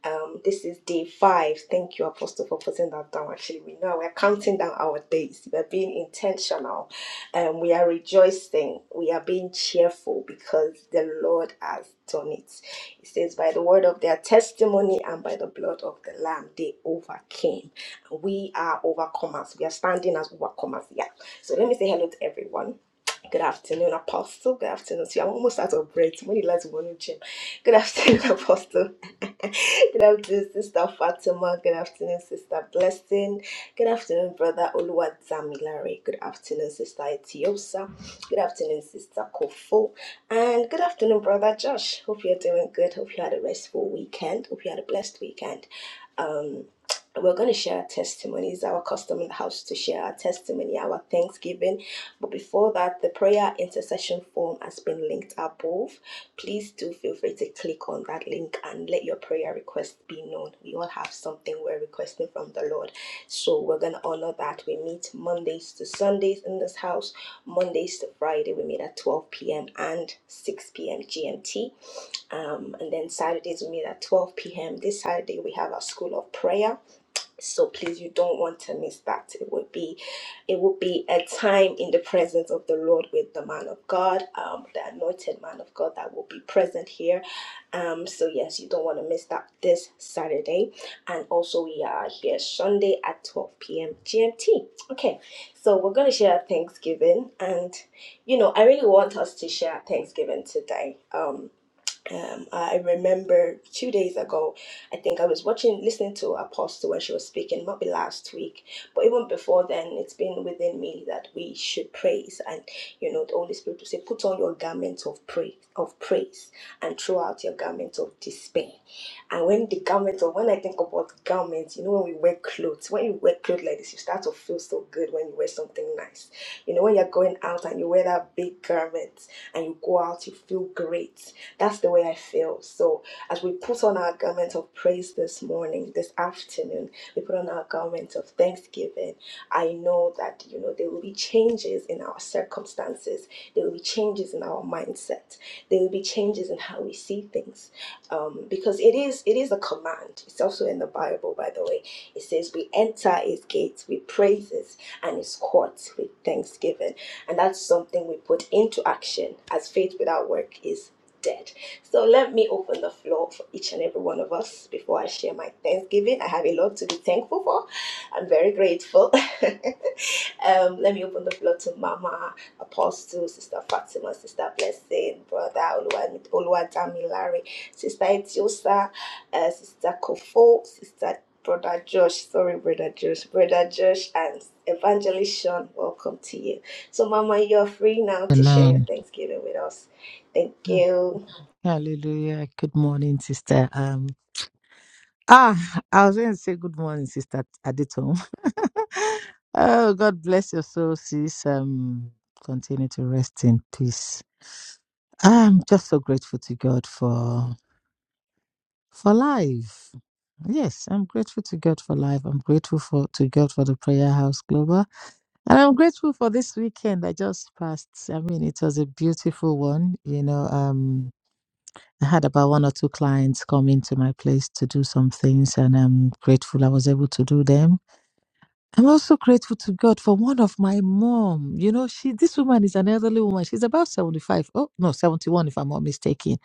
Speaker 1: Um, this is day five. Thank you, Apostle, for putting that down. Actually, we know we're counting down our days. We're being intentional. Um, we are rejoicing. We are being cheerful because the Lord has done it. It says, by the word of their testimony and by the blood of the Lamb, they overcame. We are overcomers. We are standing as overcomers. Yeah. So let me say hello to everyone. Good afternoon, Apostle. Good afternoon. See, I'm almost out of breath. When you like to go to gym. Good afternoon, Apostle. Good afternoon, Sister Fatima. Good afternoon, Sister Blessing. Good afternoon, Brother Oluwa Zamilare. Good afternoon, Sister Etiosa. Good afternoon, Sister Kofo. And good afternoon, Brother Josh. Hope you're doing good. Hope you had a restful weekend. Hope you had a blessed weekend. Um, we're going to share our testimonies. Our custom in the house to share our testimony, our thanksgiving but before that, the prayer intercession form has been linked above. Please do feel free to click on that link and let your prayer request be known. We all have something we're requesting from the Lord. So we're going to honor that. We meet Mondays to Sundays in this house, Mondays to Friday. We meet at 12 p.m. and 6 p.m. GMT. Um, and then Saturdays, we meet at 12 p.m. This Saturday, we have our school of prayer so please you don't want to miss that it would be it would be a time in the presence of the lord with the man of god um the anointed man of god that will be present here um so yes you don't want to miss that this saturday and also we are here sunday at 12 p.m gmt okay so we're going to share thanksgiving and you know i really want us to share thanksgiving today um um, I remember two days ago, I think I was watching, listening to Apostle when she was speaking, might be last week, but even before then, it's been within me that we should praise, and you know, the Holy Spirit will say, "Put on your garment of praise, of praise, and throw out your garment of despair." And when the garment, or when I think about garments, you know, when we wear clothes, when you wear clothes like this, you start to feel so good when you wear something nice. You know, when you're going out and you wear that big garment, and you go out, you feel great. That's the way I feel. So, as we put on our garment of praise this morning, this afternoon, we put on our garment of thanksgiving. I know that, you know, there will be changes in our circumstances, there will be changes in our mindset, there will be changes in how we see things. Um, because it is it is a command. It's also in the Bible, by the way. It says we enter his gates with praises and his courts with thanksgiving and that's something we put into action as faith without work is dead. So let me open the floor for each and every one of us before I share my thanksgiving. I have a lot to be thankful for. I'm very grateful. um, let me open the floor to Mama. Apostle, Sister Fatima, Sister Blessing, Brother Oluwan- Larry, Sister Etiosa, uh, Sister Kofo, Sister Brother Josh, sorry, Brother Josh, Brother Josh, and Evangelist Sean, welcome to you. So, Mama, you're free now to share your
Speaker 2: Amen.
Speaker 1: Thanksgiving with us. Thank
Speaker 2: Mm.
Speaker 1: you.
Speaker 2: Hallelujah. Good morning, sister. Um, ah, I was going to say good morning, sister Aditom. oh, God bless your soul, sis. Um, continue to rest in peace. I'm just so grateful to God for for life. Yes, I'm grateful to God for life. I'm grateful for to God for the Prayer House Global, and I'm grateful for this weekend I just passed. I mean, it was a beautiful one. You know, um, I had about one or two clients come into my place to do some things, and I'm grateful I was able to do them. I'm also grateful to God for one of my mom. You know, she this woman is an elderly woman. She's about 75. Oh no, 71 if I'm not mistaken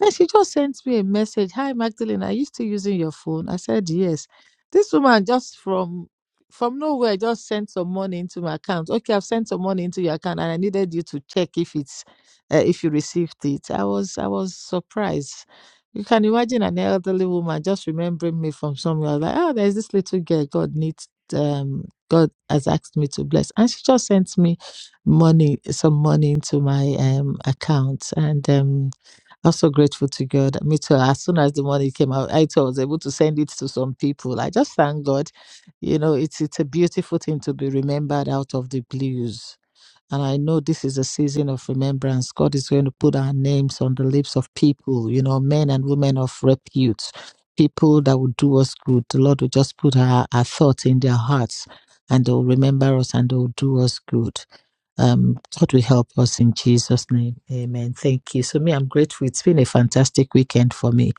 Speaker 2: and she just sent me a message. Hi Magdalene, are you still using your phone? I said yes. This woman just from from nowhere just sent some money into my account. Okay, I've sent some money into your account, and I needed you to check if it's uh, if you received it. I was I was surprised. You can imagine an elderly woman just remembering me from somewhere. I was like, oh, there's this little girl God needs. Um, God has asked me to bless, and she just sent me money, some money into my um account, and um I'm so grateful to God. Me too. As soon as the money came out, I too was able to send it to some people. I just thank God. You know, it's it's a beautiful thing to be remembered out of the blues. And I know this is a season of remembrance. God is going to put our names on the lips of people, you know, men and women of repute, people that will do us good. The Lord will just put our, our thoughts in their hearts and they'll remember us and they'll do us good. Um, God will help us in Jesus' name. Amen. Thank you. So, me, I'm grateful. It's been a fantastic weekend for me.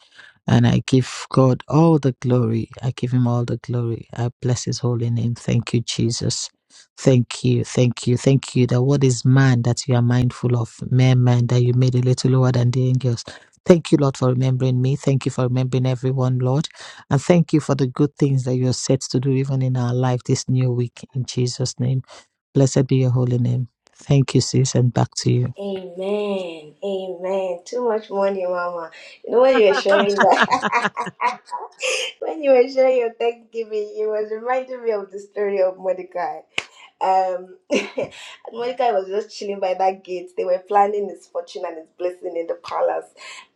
Speaker 2: And I give God all the glory. I give him all the glory. I bless his holy name. Thank you, Jesus. Thank you, thank you, thank you. That what is man that you are mindful of, mere man that you made a little lower than the angels. Thank you, Lord, for remembering me. Thank you for remembering everyone, Lord. And thank you for the good things that you are set to do even in our life this new week. In Jesus' name, blessed be your holy name. Thank you, sis, and back to you.
Speaker 1: Amen. Amen. Too much money, Mama. You know, when you were sharing that, when you were sharing your Thanksgiving, it was reminding me of the story of Mordecai. Um, and Monica was just chilling by that gate. They were planning his fortune and his blessing in the palace,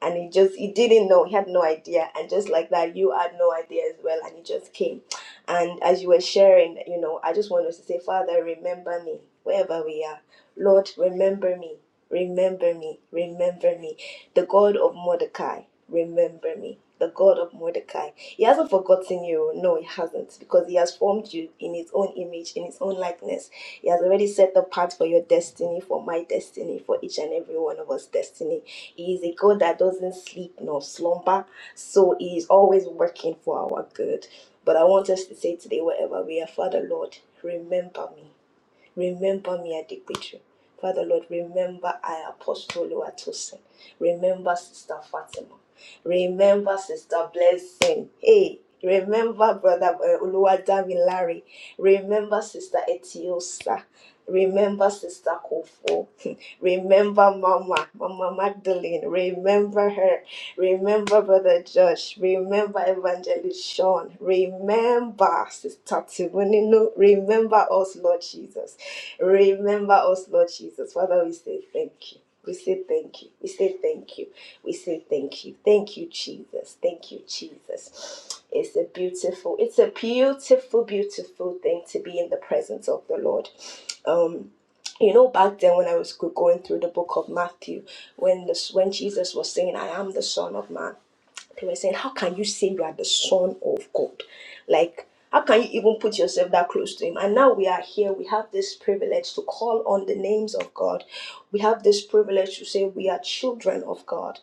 Speaker 1: and he just he didn't know. He had no idea, and just like that, you had no idea as well, and he just came. And as you were sharing, you know, I just want us to say, Father, remember me wherever we are. Lord, remember me, remember me, remember me. The God of Mordecai, remember me. The God of Mordecai he hasn't forgotten you. No, he hasn't, because he has formed you in his own image, in his own likeness. He has already set the path for your destiny, for my destiny, for each and every one of us' destiny. He is a God that doesn't sleep nor slumber, so he is always working for our good. But I want us to say today, wherever we are, Father Lord, remember me. Remember me at the picture. Father Lord, remember I Apostle Oluwatosin. Remember Sister Fatima. Remember Sister Blessing. Hey, remember Brother uh, Oluwadami Larry. Remember Sister Etiosa. Remember Sister Kofo. Remember Mama, Mama Magdalene. Remember her. Remember Brother Josh. Remember Evangelist Sean. Remember Sister Tibonino. Remember us, Lord Jesus. Remember us, Lord Jesus. Father, we say thank you. We say thank you. We say thank you. We say thank you. Thank you, Jesus. Thank you, Jesus. It's a beautiful, it's a beautiful, beautiful thing to be in the presence of the Lord. Um, you know, back then when I was go- going through the book of Matthew, when the when Jesus was saying, I am the Son of Man, they were saying, How can you say you are the son of God? Like, how can you even put yourself that close to him? And now we are here, we have this privilege to call on the names of God. We have this privilege to say we are children of God.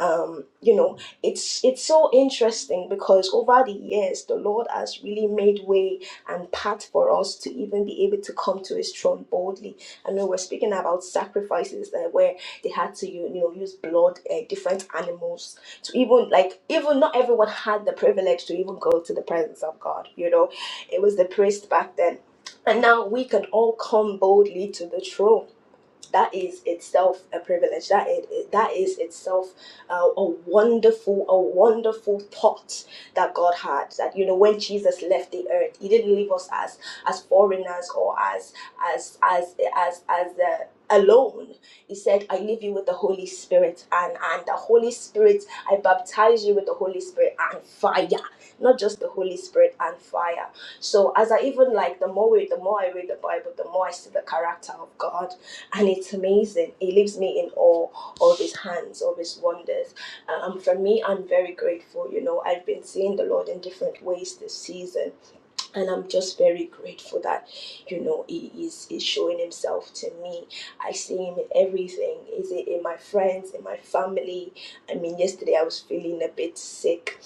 Speaker 1: Um, you know, it's it's so interesting because over the years the Lord has really made way and path for us to even be able to come to his throne boldly. I know we're speaking about sacrifices that where they had to you know use blood, uh, different animals to even like even not everyone had the privilege to even go to the presence of God. You know, it was the priest back then. And now we can all come boldly to the throne that is itself a privilege that it, that is itself uh, a wonderful a wonderful thought that god had that you know when jesus left the earth he didn't leave us as as foreigners or as as as as as the alone he said i leave you with the holy spirit and and the holy spirit i baptize you with the holy spirit and fire not just the holy spirit and fire so as i even like the more we the more i read the bible the more i see the character of god and it's amazing. It leaves me in awe of His hands, of His wonders. Um, for me, I'm very grateful. You know, I've been seeing the Lord in different ways this season, and I'm just very grateful that, you know, He is is showing Himself to me. I see Him in everything. Is it in my friends, in my family? I mean, yesterday I was feeling a bit sick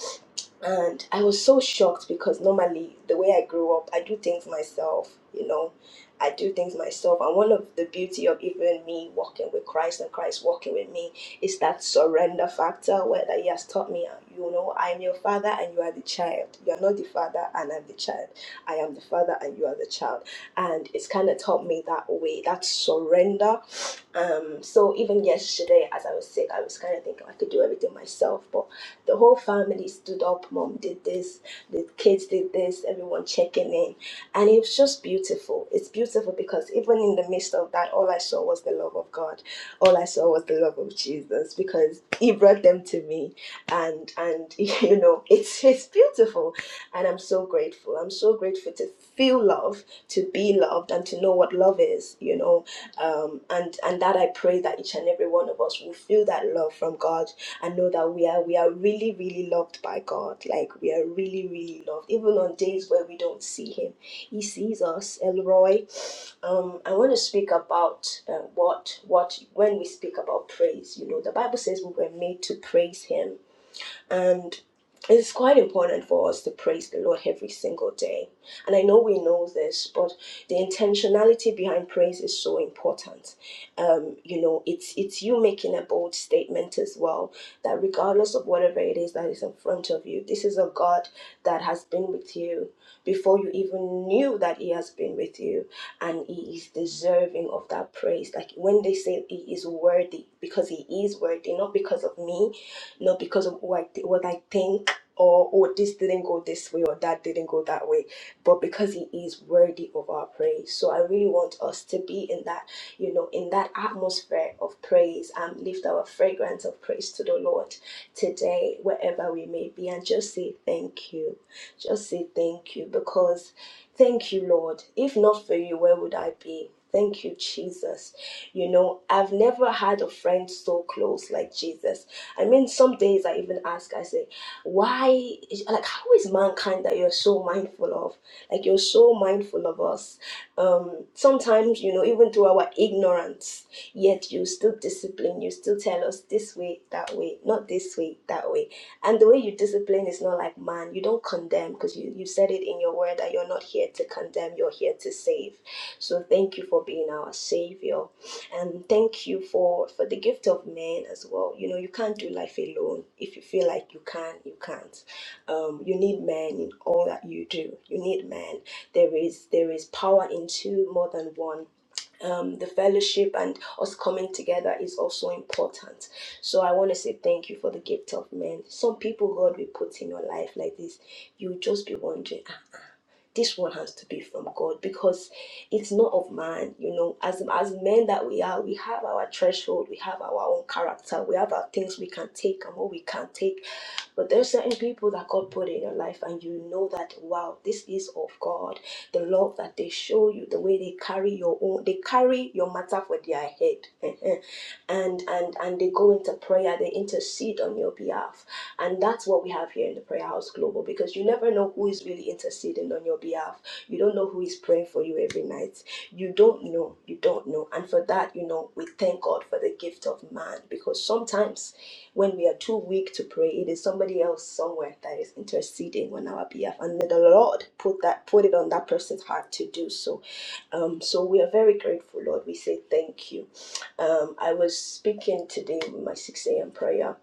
Speaker 1: and I was so shocked because normally the way I grew up, I do things myself, you know, I do things myself. And one of the beauty of even me walking with Christ and Christ walking with me is that surrender factor where that He has taught me, uh, you know, I am your father and you are the child. You are not the father and I'm the child. I am the father and you are the child. And it's kind of taught me that way, that surrender um, so even yesterday, as I was sick, I was kind of thinking I could do everything myself. But the whole family stood up. Mom did this, the kids did this, everyone checking in. And it's just beautiful. It's beautiful because even in the midst of that, all I saw was the love of God. All I saw was the love of Jesus because He brought them to me. And and you know, it's it's beautiful. And I'm so grateful. I'm so grateful to feel love, to be loved, and to know what love is, you know um, and and that I pray that each and every one of us will feel that love from God and know that we are we are really really loved by God. Like we are really really loved, even on days where we don't see Him, He sees us. Elroy, um, I want to speak about uh, what what when we speak about praise. You know, the Bible says we were made to praise Him and it's quite important for us to praise the Lord every single day. And I know we know this, but the intentionality behind praise is so important. Um, you know, it's it's you making a bold statement as well that regardless of whatever it is that is in front of you, this is a God that has been with you before you even knew that He has been with you, and He is deserving of that praise. Like when they say He is worthy, because He is worthy, not because of me, not because of what I, thi- what I think or oh this didn't go this way or that didn't go that way but because he is worthy of our praise so i really want us to be in that you know in that atmosphere of praise and lift our fragrance of praise to the lord today wherever we may be and just say thank you just say thank you because thank you lord if not for you where would i be Thank you, Jesus. You know, I've never had a friend so close like Jesus I mean, some days I even ask, I say, why, like, how is mankind that you're so mindful of? Like, you're so mindful of us. Um, sometimes, you know, even through our ignorance, yet you still discipline, you still tell us this way, that way, not this way, that way. And the way you discipline is not like man, you don't condemn because you, you said it in your word that you're not here to condemn, you're here to save. So thank you for being our savior and thank you for for the gift of men as well you know you can't do life alone if you feel like you can you can't um, you need men in all that you do you need men there is there is power in two more than one um, the fellowship and us coming together is also important so i want to say thank you for the gift of men some people god will put in your life like this you just be wondering this one has to be from God because it's not of man. You know, as as men that we are, we have our threshold, we have our own character, we have our things we can take and what we can't take but there are certain people that God put in your life, and you know that wow, this is of God. The love that they show you, the way they carry your own, they carry your matter for their head, and and and they go into prayer, they intercede on your behalf, and that's what we have here in the Prayer House Global. Because you never know who is really interceding on your behalf. You don't know who is praying for you every night. You don't know. You don't know. And for that, you know, we thank God for the gift of man, because sometimes when we are too weak to pray, it is somebody else somewhere that is interceding on our behalf. And may the Lord put that put it on that person's heart to do so. Um, so we are very grateful, Lord. We say thank you. Um, I was speaking today with my 6 a.m. prayer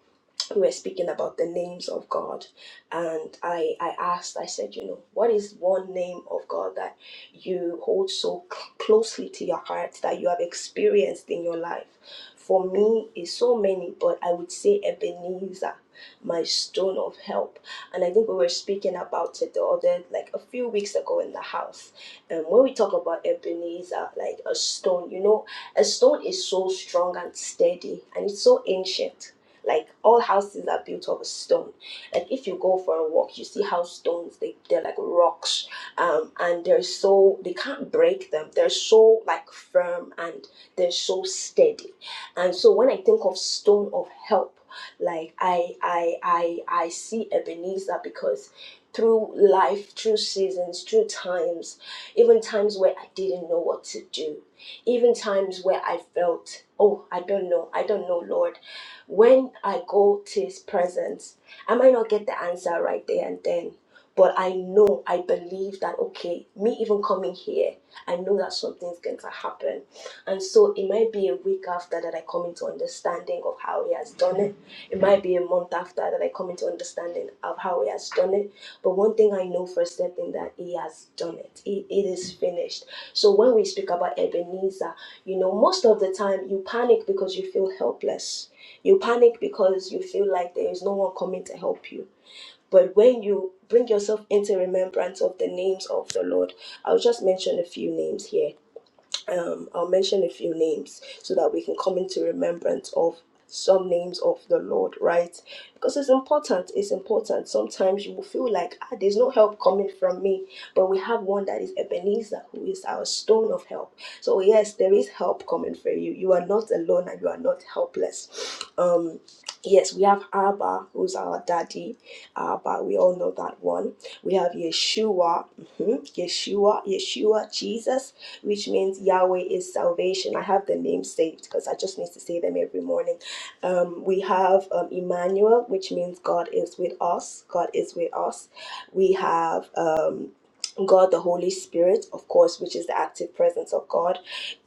Speaker 1: we were speaking about the names of God, and I I asked, I said, you know, what is one name of God that you hold so cl- closely to your heart that you have experienced in your life? For me, is so many, but I would say Ebenezer, my stone of help. And I think we were speaking about it the other, like a few weeks ago in the house. And when we talk about Ebenezer, like a stone, you know, a stone is so strong and steady, and it's so ancient like all houses are built of stone. Like if you go for a walk, you see how stones they they're like rocks, um, and they're so they can't break them. They're so like firm and they're so steady. And so when I think of stone of help, like I I I I see Ebenezer because through life, through seasons, through times, even times where I didn't know what to do, even times where I felt, oh, I don't know, I don't know, Lord. When I go to his presence, I might not get the answer right there and then, but I know, I believe that, okay, me even coming here, I know that something's going to happen. And so it might be a week after that I come into understanding of how he has done it. It might be a month after that I come into understanding of how he has done it. But one thing I know for certain that he has done it. It, it is finished. So when we speak about Ebenezer, you know, most of the time you panic because you feel helpless you panic because you feel like there is no one coming to help you. But when you bring yourself into remembrance of the names of the Lord, I'll just mention a few names here um, I'll mention a few names so that we can come into remembrance of some names of the Lord, right? Because it's important, it's important. Sometimes you will feel like ah, there's no help coming from me, but we have one that is Ebenezer, who is our stone of help. So, yes, there is help coming for you. You are not alone and you are not helpless. Um, yes, we have Abba, who's our daddy. Abba, we all know that one. We have Yeshua, mhm, Yeshua, Yeshua, Jesus which means Yahweh is salvation. I have the name saved because I just need to say them every morning. Um, we have um, Emmanuel, which means God is with us. God is with us. We have um, God, the Holy Spirit, of course, which is the active presence of God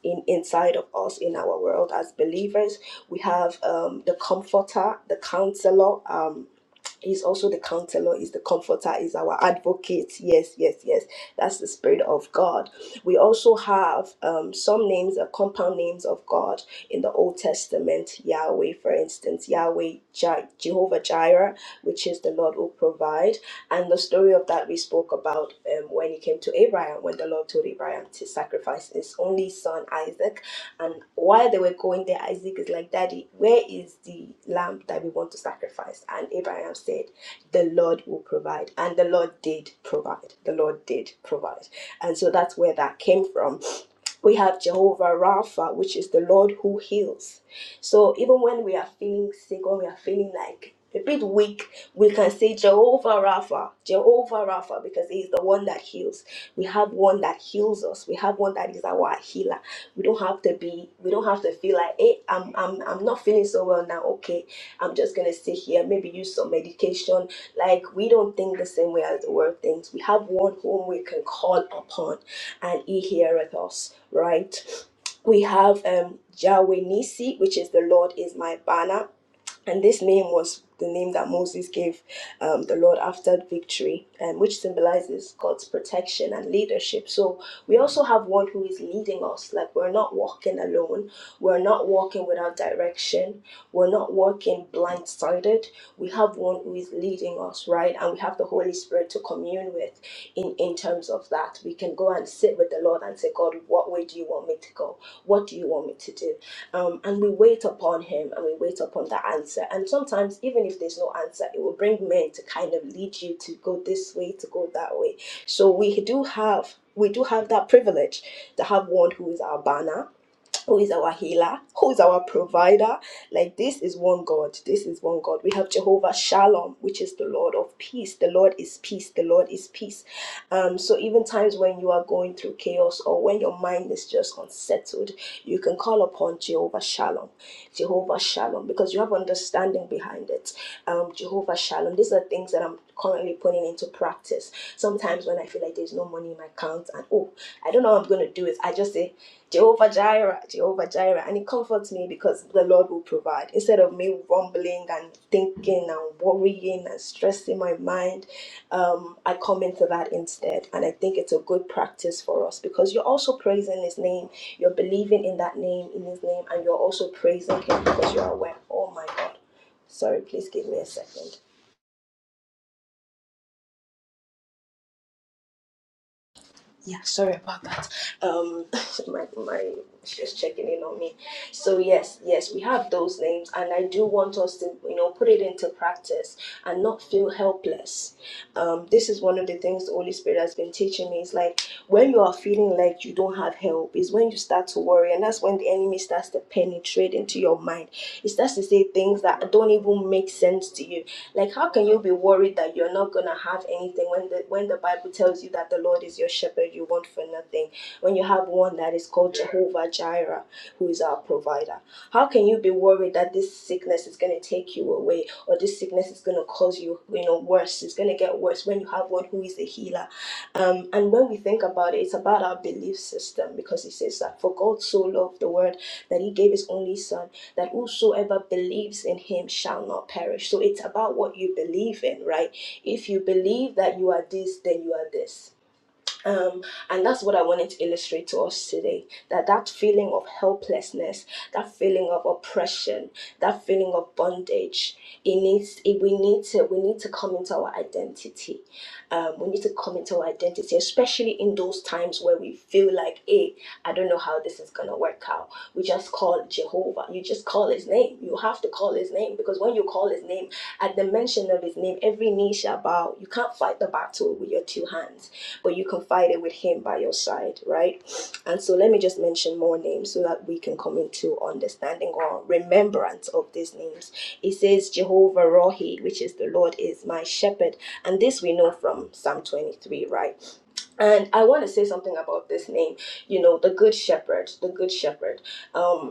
Speaker 1: in inside of us in our world as believers. We have um, the Comforter, the Counselor. Um, He's also the counselor, is the comforter, is our advocate. Yes, yes, yes. That's the spirit of God we also have um, some names are compound names of God in the Old Testament. Yahweh, for instance, Yahweh Je- Jehovah Jireh, which is the Lord will provide. And the story of that we spoke about um, when he came to Abraham, when the Lord told Abraham to sacrifice his only son Isaac. And while they were going there, Isaac is like, Daddy, where is the lamb that we want to sacrifice? And Abraham said, The Lord will provide. And the Lord did provide. The Lord did provide. And so that's where that came from. We have Jehovah Rapha, which is the Lord who heals. So even when we are feeling sick or we are feeling like a bit weak, we can say Jehovah Rapha, Jehovah Rapha, because He is the one that heals. We have one that heals us. We have one that is our healer. We don't have to be, we don't have to feel like, hey, I'm I'm I'm not feeling so well now. Okay, I'm just gonna sit here, maybe use some medication like we don't think the same way as the world thinks. We have one whom we can call upon, and He heareth us. Right? We have um, Yahweh Nisi, which is the Lord is my banner and this name was the name that Moses gave um, the Lord after victory, and which symbolizes God's protection and leadership. So we also have one who is leading us. Like we're not walking alone. We're not walking without direction. We're not walking blindsided. We have one who is leading us, right? And we have the Holy Spirit to commune with. In in terms of that, we can go and sit with the Lord and say, God, what way do you want me to go? What do you want me to do? um, and we wait upon him and we wait upon the answer and sometimes even if there's no answer it will bring men to kind of lead you to go this way to go that way so we do have we do have that privilege to have one who is our banner who is our healer, who is our provider. Like this is one God. This is one God. We have Jehovah Shalom, which is the Lord of peace. The Lord is peace. The Lord is peace. Um, so even times when you are going through chaos or when your mind is just unsettled, you can call upon Jehovah Shalom. Jehovah Shalom, because you have understanding behind it. Um, Jehovah Shalom. These are things that I'm currently putting into practice. Sometimes when I feel like there's no money in my account and oh, I don't know how I'm gonna do it, I just say Jehovah Jireh, Jehovah Jireh. And it comforts me because the Lord will provide. Instead of me rumbling and thinking and worrying and stressing my mind, um, I come into that instead. And I think it's a good practice for us because you're also praising His name. You're believing in that name, in His name, and you're also praising Him because you're aware, oh my God. Sorry, please give me a second. Yeah, sorry about that. Um, my my she's checking in on me. So yes, yes, we have those names, and I do want us to you know put it into practice and not feel helpless. Um, this is one of the things the Holy Spirit has been teaching me. It's like when you are feeling like you don't have help, is when you start to worry, and that's when the enemy starts to penetrate into your mind. It starts to say things that don't even make sense to you like, how can you be worried that you're not gonna have anything when the when the Bible tells you that the Lord is your shepherd, you want for nothing. When you have one that is called Jehovah Jireh, who is our provider. How can you be worried that this sickness is gonna take you away or this sickness is gonna cause you, you know, worse? It's gonna get worse when you have one who is a healer. Um, and when we think about it, it's about our belief system because it says that for God so loved the world that he gave his only son that whosoever believes in him shall not perish. So it's about what you believe in, right? If you believe that you are this, then you are this um, and that's what I wanted to illustrate to us today that that feeling of helplessness, that feeling of oppression, that feeling of bondage, it needs it, we need to we need to come into our identity. Um, we need to come into our identity, especially in those times where we feel like, hey, I don't know how this is gonna work out. We just call Jehovah. You just call his name. You have to call his name because when you call his name, at the mention of his name, every knee shall bow. You can't fight the battle with your two hands but you confided with him by your side, right? And so let me just mention more names so that we can come into understanding or remembrance of these names. It says Jehovah Rohi, which is the Lord is my shepherd. And this we know from Psalm 23, right? And I want to say something about this name, you know, the good shepherd, the good shepherd. Um,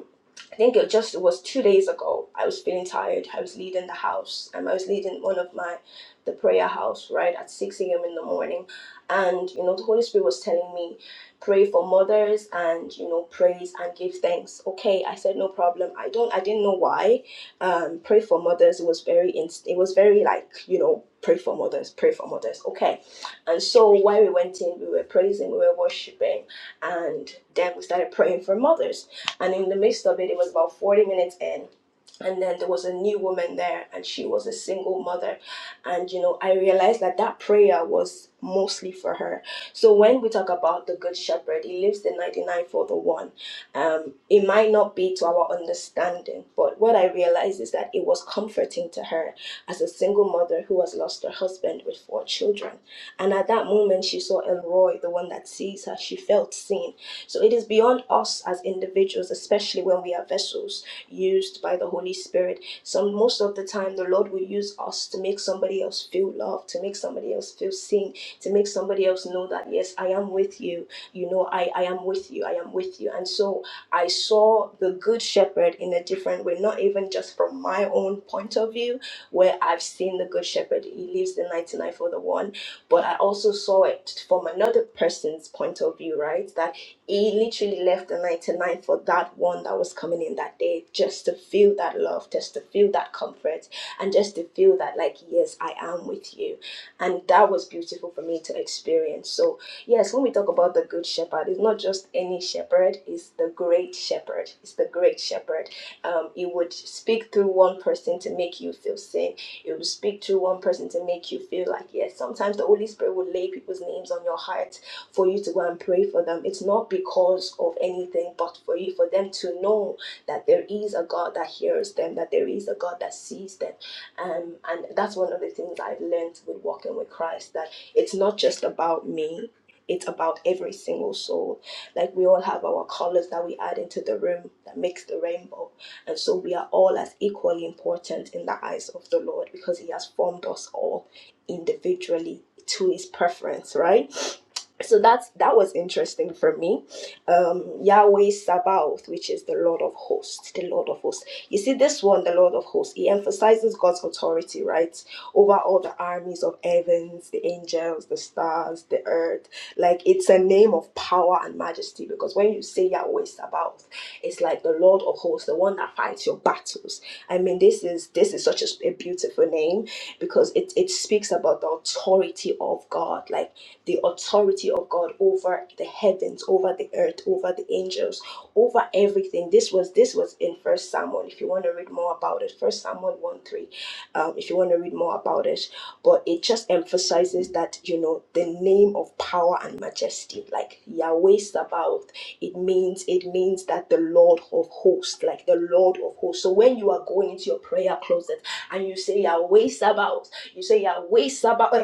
Speaker 1: I think it just it was two days ago. I was feeling tired. I was leading the house. Um, I was leading one of my the prayer house right at six a.m. in the morning, and you know the Holy Spirit was telling me, pray for mothers and you know praise and give thanks. Okay, I said no problem. I don't. I didn't know why. Um, pray for mothers. It was very. Inst- it was very like you know pray for mothers. Pray for mothers. Okay, and so when we went in, we were praising, we were worshiping, and then we started praying for mothers and in the midst of it, it was about 40 minutes in and then there was a new woman there and she was a single mother and you know i realized that that prayer was mostly for her so when we talk about the good shepherd he leaves the 99 for the one um it might not be to our understanding but what i realized is that it was comforting to her as a single mother who has lost her husband with four children and at that moment she saw elroy the one that sees her she felt seen so it is beyond us as individuals especially when we are vessels used by the Holy Spirit. So most of the time, the Lord will use us to make somebody else feel loved, to make somebody else feel seen, to make somebody else know that yes, I am with you. You know, I I am with you. I am with you. And so I saw the Good Shepherd in a different way, not even just from my own point of view, where I've seen the Good Shepherd. He leaves the ninety nine for the one, but I also saw it from another person's point of view, right? That he literally left the 99 for that one that was coming in that day just to feel that love, just to feel that comfort, and just to feel that, like, yes, I am with you. And that was beautiful for me to experience. So, yes, when we talk about the Good Shepherd, it's not just any shepherd, it's the Great Shepherd. It's the Great Shepherd. Um, he would speak through one person to make you feel seen it will speak through one person to make you feel like yes sometimes the holy spirit will lay people's names on your heart for you to go and pray for them. It's not because of anything, but for you, for them to know that there is a God that hears them, that there is a God that sees them. Um, and that's one of the things I've learned with walking with Christ that it's not just about me. It's about every single soul. Like we all have our colors that we add into the room that makes the rainbow. And so we are all as equally important in the eyes of the Lord because He has formed us all individually to His preference, right? so that's that was interesting for me um yahweh sabaoth which is the lord of hosts the lord of hosts you see this one the lord of hosts he emphasizes god's authority right over all the armies of heavens the angels the stars the earth like it's a name of power and majesty because when you say yahweh sabaoth it's like the lord of hosts the one that fights your battles i mean this is this is such a, a beautiful name because it it speaks about the authority of god like the authority of God over the heavens, over the earth, over the angels, over everything. This was this was in First Samuel. If you want to read more about it, First Samuel one three. Um, if you want to read more about it, but it just emphasizes that you know the name of power and majesty, like Yahweh Sabaoth. It means it means that the Lord of hosts, like the Lord of hosts. So when you are going into your prayer closet and you say Yahweh Sabaoth, you say Yahweh Sabaoth,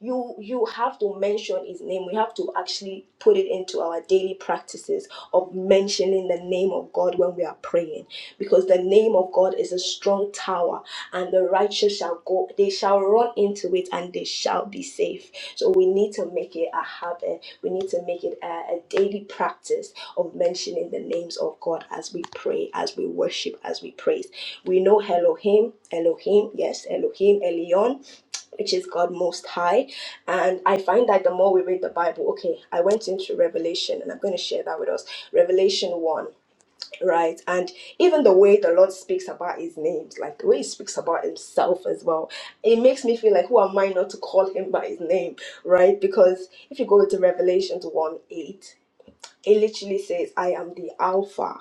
Speaker 1: you you have to mention his name we have to actually put it into our daily practices of mentioning the name of god when we are praying because the name of god is a strong tower and the righteous shall go they shall run into it and they shall be safe so we need to make it a habit we need to make it a, a daily practice of mentioning the names of god as we pray as we worship as we praise we know elohim elohim yes elohim elion which is God Most High. And I find that the more we read the Bible, okay, I went into Revelation and I'm going to share that with us. Revelation 1, right? And even the way the Lord speaks about his names, like the way he speaks about himself as well, it makes me feel like, who am I not to call him by his name, right? Because if you go to Revelation 1 8, it literally says, I am the Alpha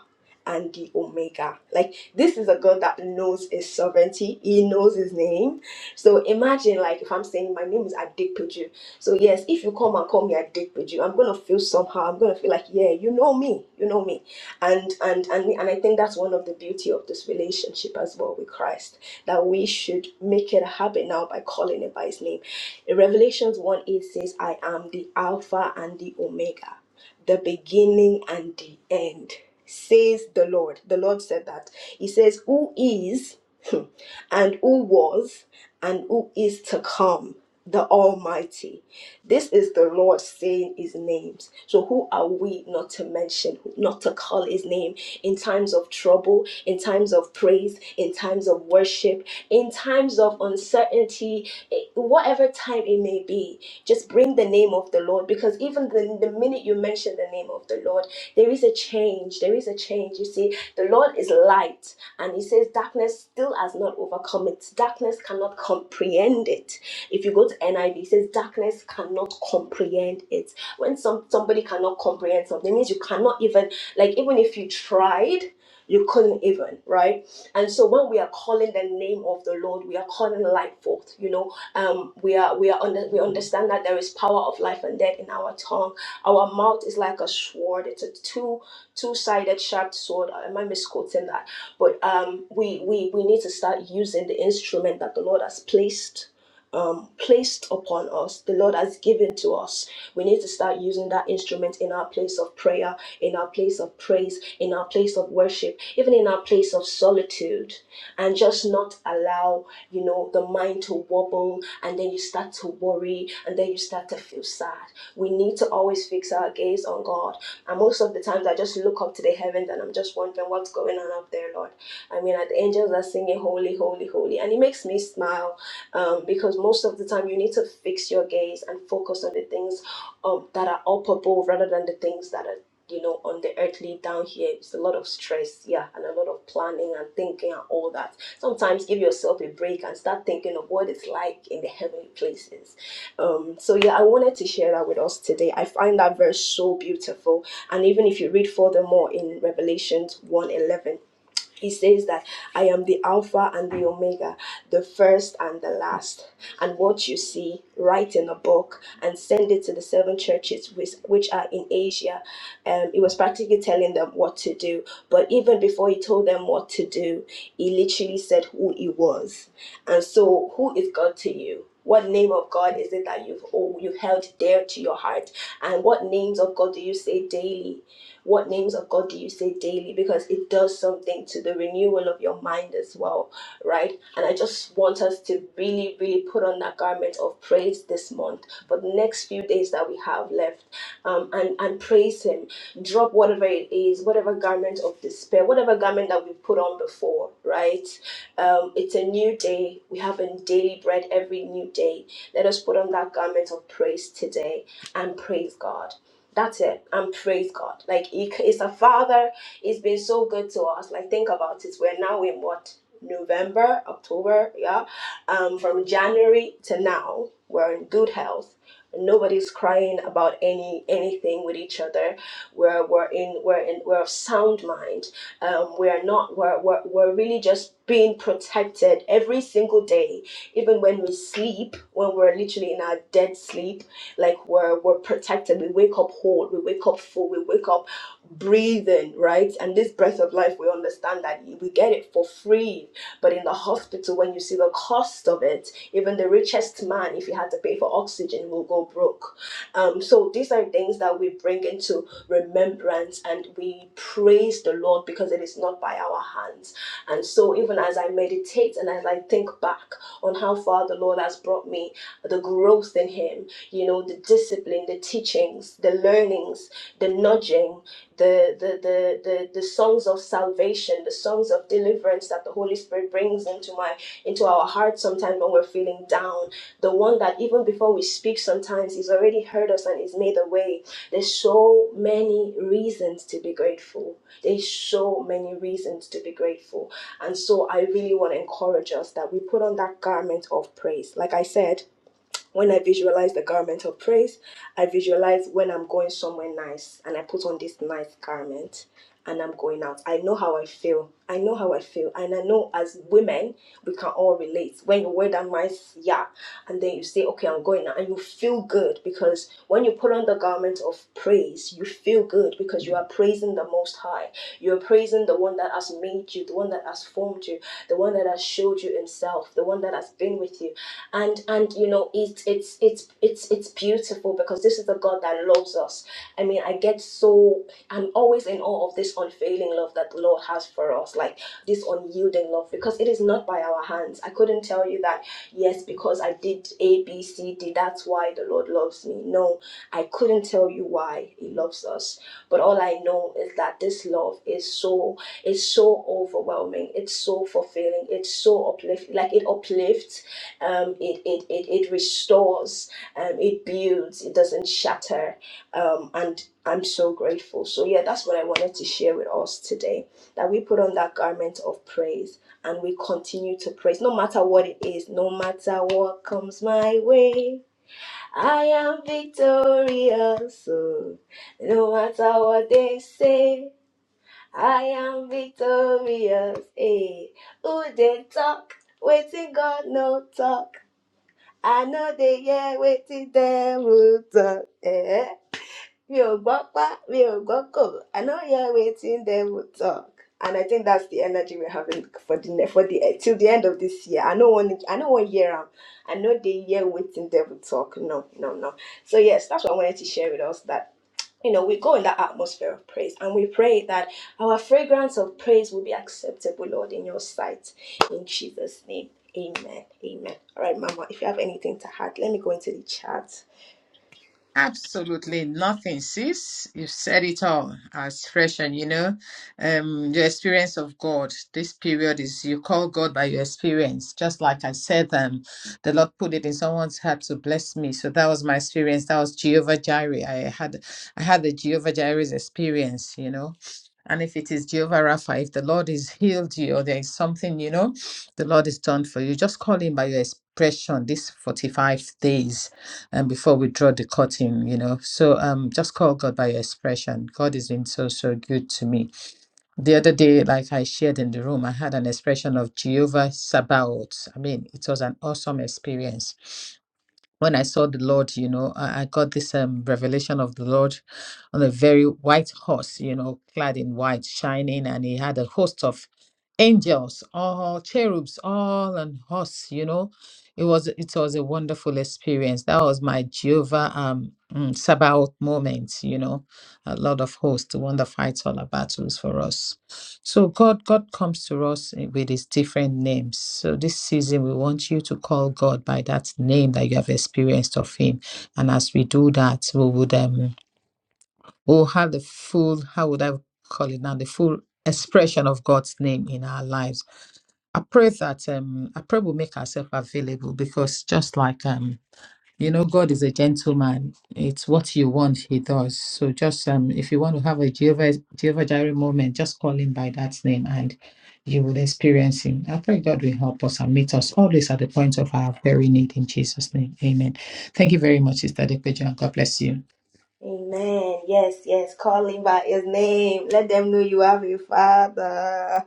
Speaker 1: and the Omega. Like, this is a God that knows his sovereignty, he knows his name. So, imagine, like, if I'm saying, My name is Adikpiju. So, yes, if you come and call me Adikpiju, I'm gonna feel somehow, I'm gonna feel like, Yeah, you know me, you know me. And, and, and, and I think that's one of the beauty of this relationship as well with Christ, that we should make it a habit now by calling it by his name. In Revelations 1 8 says, I am the Alpha and the Omega the beginning and the end, says the Lord. The Lord said that. He says, Who is and who was and who is to come, the Almighty. This is the Lord saying his names. So, who are we not to mention, not to call his name in times of trouble, in times of praise, in times of worship, in times of uncertainty? 30, eh, whatever time it may be, just bring the name of the Lord because even the, the minute you mention the name of the Lord, there is a change. There is a change. You see, the Lord is light, and He says, Darkness still has not overcome it. Darkness cannot comprehend it. If you go to NIV, it says, Darkness cannot comprehend it. When some somebody cannot comprehend something, it means you cannot even, like, even if you tried. You couldn't even, right? And so when we are calling the name of the Lord, we are calling life forth. You know, um, we are we are under, we understand that there is power of life and death in our tongue. Our mouth is like a sword. It's a two two sided sharp sword. Uh, Am I misquoting that? But um, we we we need to start using the instrument that the Lord has placed um, placed upon us, the Lord has given to us. We need to start using that instrument in our place of prayer in our place of praise, in our place of worship, even in our place of solitude, and just not allow, you know, the mind to wobble and then you start to worry and then you start to feel sad. We need to always fix our gaze on God. And most of the times I just look up to the heavens and I'm just wondering what's going on up there, Lord. I mean, the angels are singing holy, holy, holy. And it makes me smile um, because most of the time you need to fix your gaze and focus on the things um, that are up above rather than the things that are you know, on the earthly down here, it's a lot of stress, yeah, and a lot of planning and thinking and all that. Sometimes give yourself a break and start thinking of what it's like in the heavenly places. Um, so yeah, I wanted to share that with us today. I find that verse so beautiful, and even if you read furthermore in Revelations one eleven. He says that I am the Alpha and the Omega, the first and the last. And what you see, write in a book and send it to the seven churches which, which are in Asia. Um, he was practically telling them what to do. But even before he told them what to do, he literally said who he was. And so, who is God to you? What name of God is it that you've oh, you've held dear to your heart? And what names of God do you say daily? What names of God do you say daily? Because it does something to the renewal of your mind as well, right? And I just want us to really, really put on that garment of praise this month for the next few days that we have left um, and, and praise Him. Drop whatever it is, whatever garment of despair, whatever garment that we've put on before, right? Um, it's a new day. We have a daily bread every new day. Let us put on that garment of praise today and praise God. That's it. And praise God. Like, he, he's a father. He's been so good to us. Like, think about it. We're now in what? November, October, yeah. Um, from January to now, we're in good health. Nobody's crying about any anything with each other. We're we're in we're in we're of sound mind. Um, we are not we're, we're we're really just being protected every single day, even when we sleep, when we're literally in our dead sleep like we're we're protected. We wake up whole. We wake up full. We wake up breathing, right? And this breath of life, we understand that we get it for free. But in the hospital, when you see the cost of it, even the richest man, if he had to pay for oxygen, will go broke. Um, so these are things that we bring into remembrance and we praise the Lord because it is not by our hands. And so even as I meditate and as I think back on how far the Lord has brought me, the growth in him, you know, the discipline, the teachings, the learnings, the nudging, the the the the, the songs of salvation, the songs of deliverance that the Holy Spirit brings into my into our hearts sometimes when we're feeling down. The one that even before we speak sometimes he's already heard us and he's made a way. There's so many reasons to be grateful. There's so many reasons to be grateful. And so I really want to encourage us that we put on that garment of praise. Like I said, when I visualize the garment of praise, I visualize when I'm going somewhere nice and I put on this nice garment and I'm going out. I know how I feel. I know how I feel. And I know as women, we can all relate. When you wear that nice, yeah, and then you say, okay, I'm going out, and you feel good because when you put on the garment of praise, you feel good because you are praising the Most High. You are praising the one that has made you, the one that has formed you, the one that has showed you Himself, the one that has been with you and and you know it's it's it's it's it's beautiful because this is the god that loves us i mean i get so i'm always in awe of this unfailing love that the lord has for us like this unyielding love because it is not by our hands i couldn't tell you that yes because i did a b c d that's why the lord loves me no i couldn't tell you why he loves us but all i know is that this love is so it's so overwhelming it's so fulfilling it's so uplifting like it uplifts um, it, it, it, it restores, um, it builds, it doesn't shatter. Um, and I'm so grateful. So, yeah, that's what I wanted to share with us today that we put on that garment of praise and we continue to praise no matter what it is, no matter what comes my way. I am victorious, oh, no matter what they say. I am victorious, eh? Who they talk? Waiting God, no talk. I know they year waiting them will talk. Eh? Mi ò gbọ́ pá, mi ò gbọ́ kò. I know you're waiting them will talk. And I think that's the energy we're having for the ne- for the eh, till the end of this year. I know one I know one year um, I know they year waiting them will talk. No, no, no. So yes, that's what I wanted to share with us. That you know, we go in that atmosphere of praise and we pray that our fragrance of praise will be acceptable, Lord, in your sight. In Jesus' name. Amen. Amen. All right, Mama, if you have anything to add, let me go into the chat.
Speaker 2: Absolutely nothing, sis. You've said it all as fresh and you know, um, your experience of God. This period is you call God by your experience. Just like I said, um, the Lord put it in someone's heart to bless me. So that was my experience. That was Jehovah Jireh. I had I had the Jehovah Jireh's experience, you know. And if it is Jehovah Rapha, if the Lord is healed you or there is something, you know, the Lord is done for you, just call him by your expression these 45 days and before we draw the curtain, you know. So um, just call God by your expression. God has been so so good to me. The other day, like I shared in the room, I had an expression of Jehovah Sabaoth. I mean, it was an awesome experience when I saw the Lord, you know, I, I got this um, revelation of the Lord on a very white horse, you know, clad in white, shining, and he had a host of angels, all cherubs, all on horse, you know. It was it was a wonderful experience. That was my Jehovah um mm, Sabbath moment, you know a Lord of hosts, the one that fights all our battles for us. So God, God comes to us with his different names. So this season we want you to call God by that name that you have experienced of him. And as we do that, we would um we'll have the full, how would I call it now, the full expression of God's name in our lives. I pray that um I pray we'll make ourselves available because just like um you know, God is a gentleman. It's what you want, He does. So just um, if you want to have a Jehovah, Jehovah Jireh moment, just call Him by that name, and you will experience Him. I pray God will help us and meet us always at the point of our very need in Jesus' name. Amen. Thank you very much, Sister Depejo, and God bless you.
Speaker 1: Amen. Yes, yes. Call him by his name. Let them know you have a father.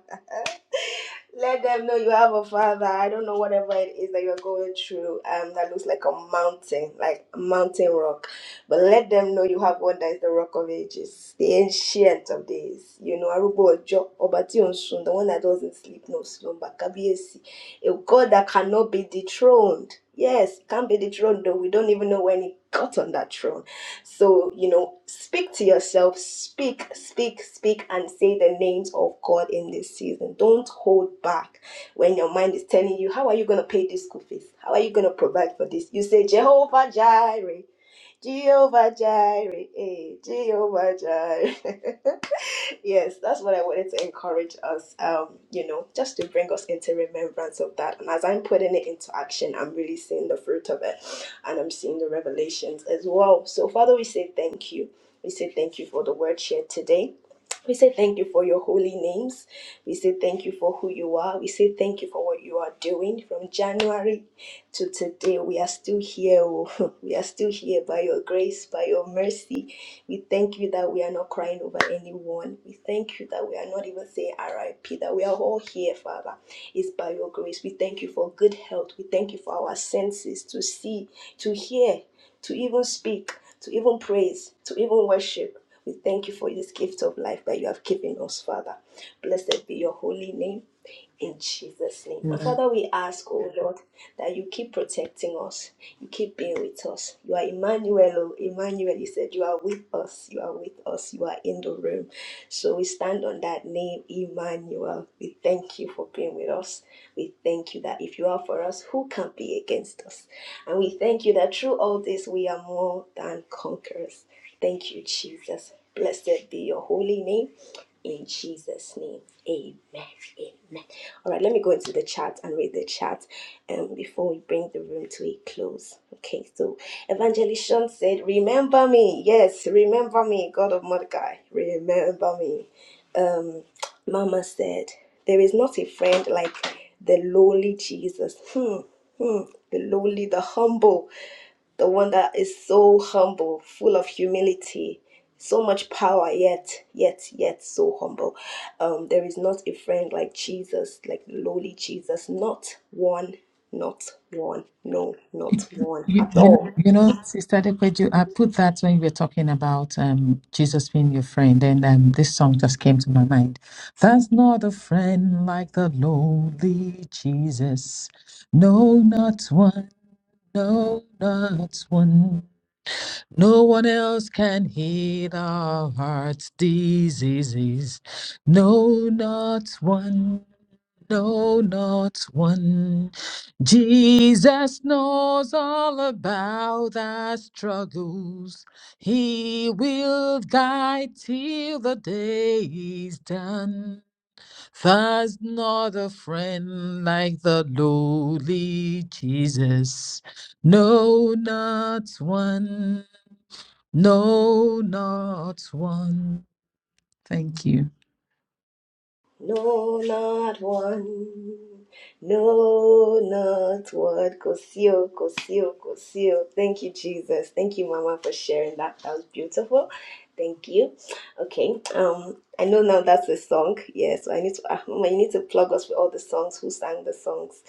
Speaker 1: Let them know you have a father. I don't know whatever it is that you're going through um, that looks like a mountain, like a mountain rock. But let them know you have one that is the rock of ages, the ancient of days. You know, Arubo Ojo, Obati Sun, the one that doesn't sleep, no slumber, Kabiesi, a God that cannot be dethroned. Yes, can't be dethroned, though we don't even know when he got on that throne. So, you know, speak to yourself, speak, speak, speak, and say the names of God in this season. Don't hold back when your mind is telling you, How are you going to pay this school fees? How are you going to provide for this? You say, Jehovah Jireh, Jehovah Jireh, eh, Jehovah Jireh. yes, that's what I wanted to encourage us, um, you know, just to bring us into remembrance of that. And as I'm putting it into action, I'm really seeing the fruit of it and I'm seeing the revelations as well. So, Father, we say thank you. We say thank you for the word shared today. We say thank you for your holy names. We say thank you for who you are. We say thank you for what you are doing from January to today. We are still here. oh. We are still here by your grace, by your mercy we thank you that we are not crying over anyone. We thank you that we are not even saying RIP, that we are all here, Father. It's by your grace. We thank you for good health. We thank you for our senses to see, to hear, to even speak, to even praise, to even worship. We thank you for this gift of life that you have given us, Father. Blessed be your holy name in Jesus' name. And Father, we ask, oh Lord, that you keep protecting us. You keep being with us. You are Emmanuel. oh, Emmanuel, you said you are with us. You are with us. You are in the room. So we stand on that name, Emmanuel. We thank you for being with us. We thank you that if you are for us, who can be against us? And we thank you that through all this, we are more than conquerors. Thank you, Jesus. Blessed be your holy name in Jesus' name. Amen. Amen. All right, let me go into the chat and read the chat um, before we bring the room to a close. Okay, so Evangelist Shawn said, Remember me. Yes, remember me, God of Mordecai. Remember me. Um, Mama said, There is not a friend like the lowly Jesus. Hmm, hmm, the lowly, the humble the one that is so humble, full of humility, so much power, yet, yet, yet so humble. Um, there is not a friend like Jesus, like lowly Jesus, not one, not one, no, not one
Speaker 2: You,
Speaker 1: at
Speaker 2: you know,
Speaker 1: all.
Speaker 2: you know, Sister Dekweju, I put that when we were talking about um, Jesus being your friend, and um, this song just came to my mind. There's not a friend like the lonely Jesus. No, not one. No, not one. No one else can heal our heart's diseases. No, not one. No, not one. Jesus knows all about our struggles. He will guide till the day is done. There's not a friend like the lowly Jesus. No, not one. No, not one. Thank you.
Speaker 1: No, not one. No, not one. Kosio, Kosio, Kosio. Thank you, Jesus. Thank you, Mama, for sharing that. That was beautiful. Thank you. Okay. Um, I know now that's a song. Yeah, so I need to, ah, Mama, you need to plug us with all the songs, who sang the songs,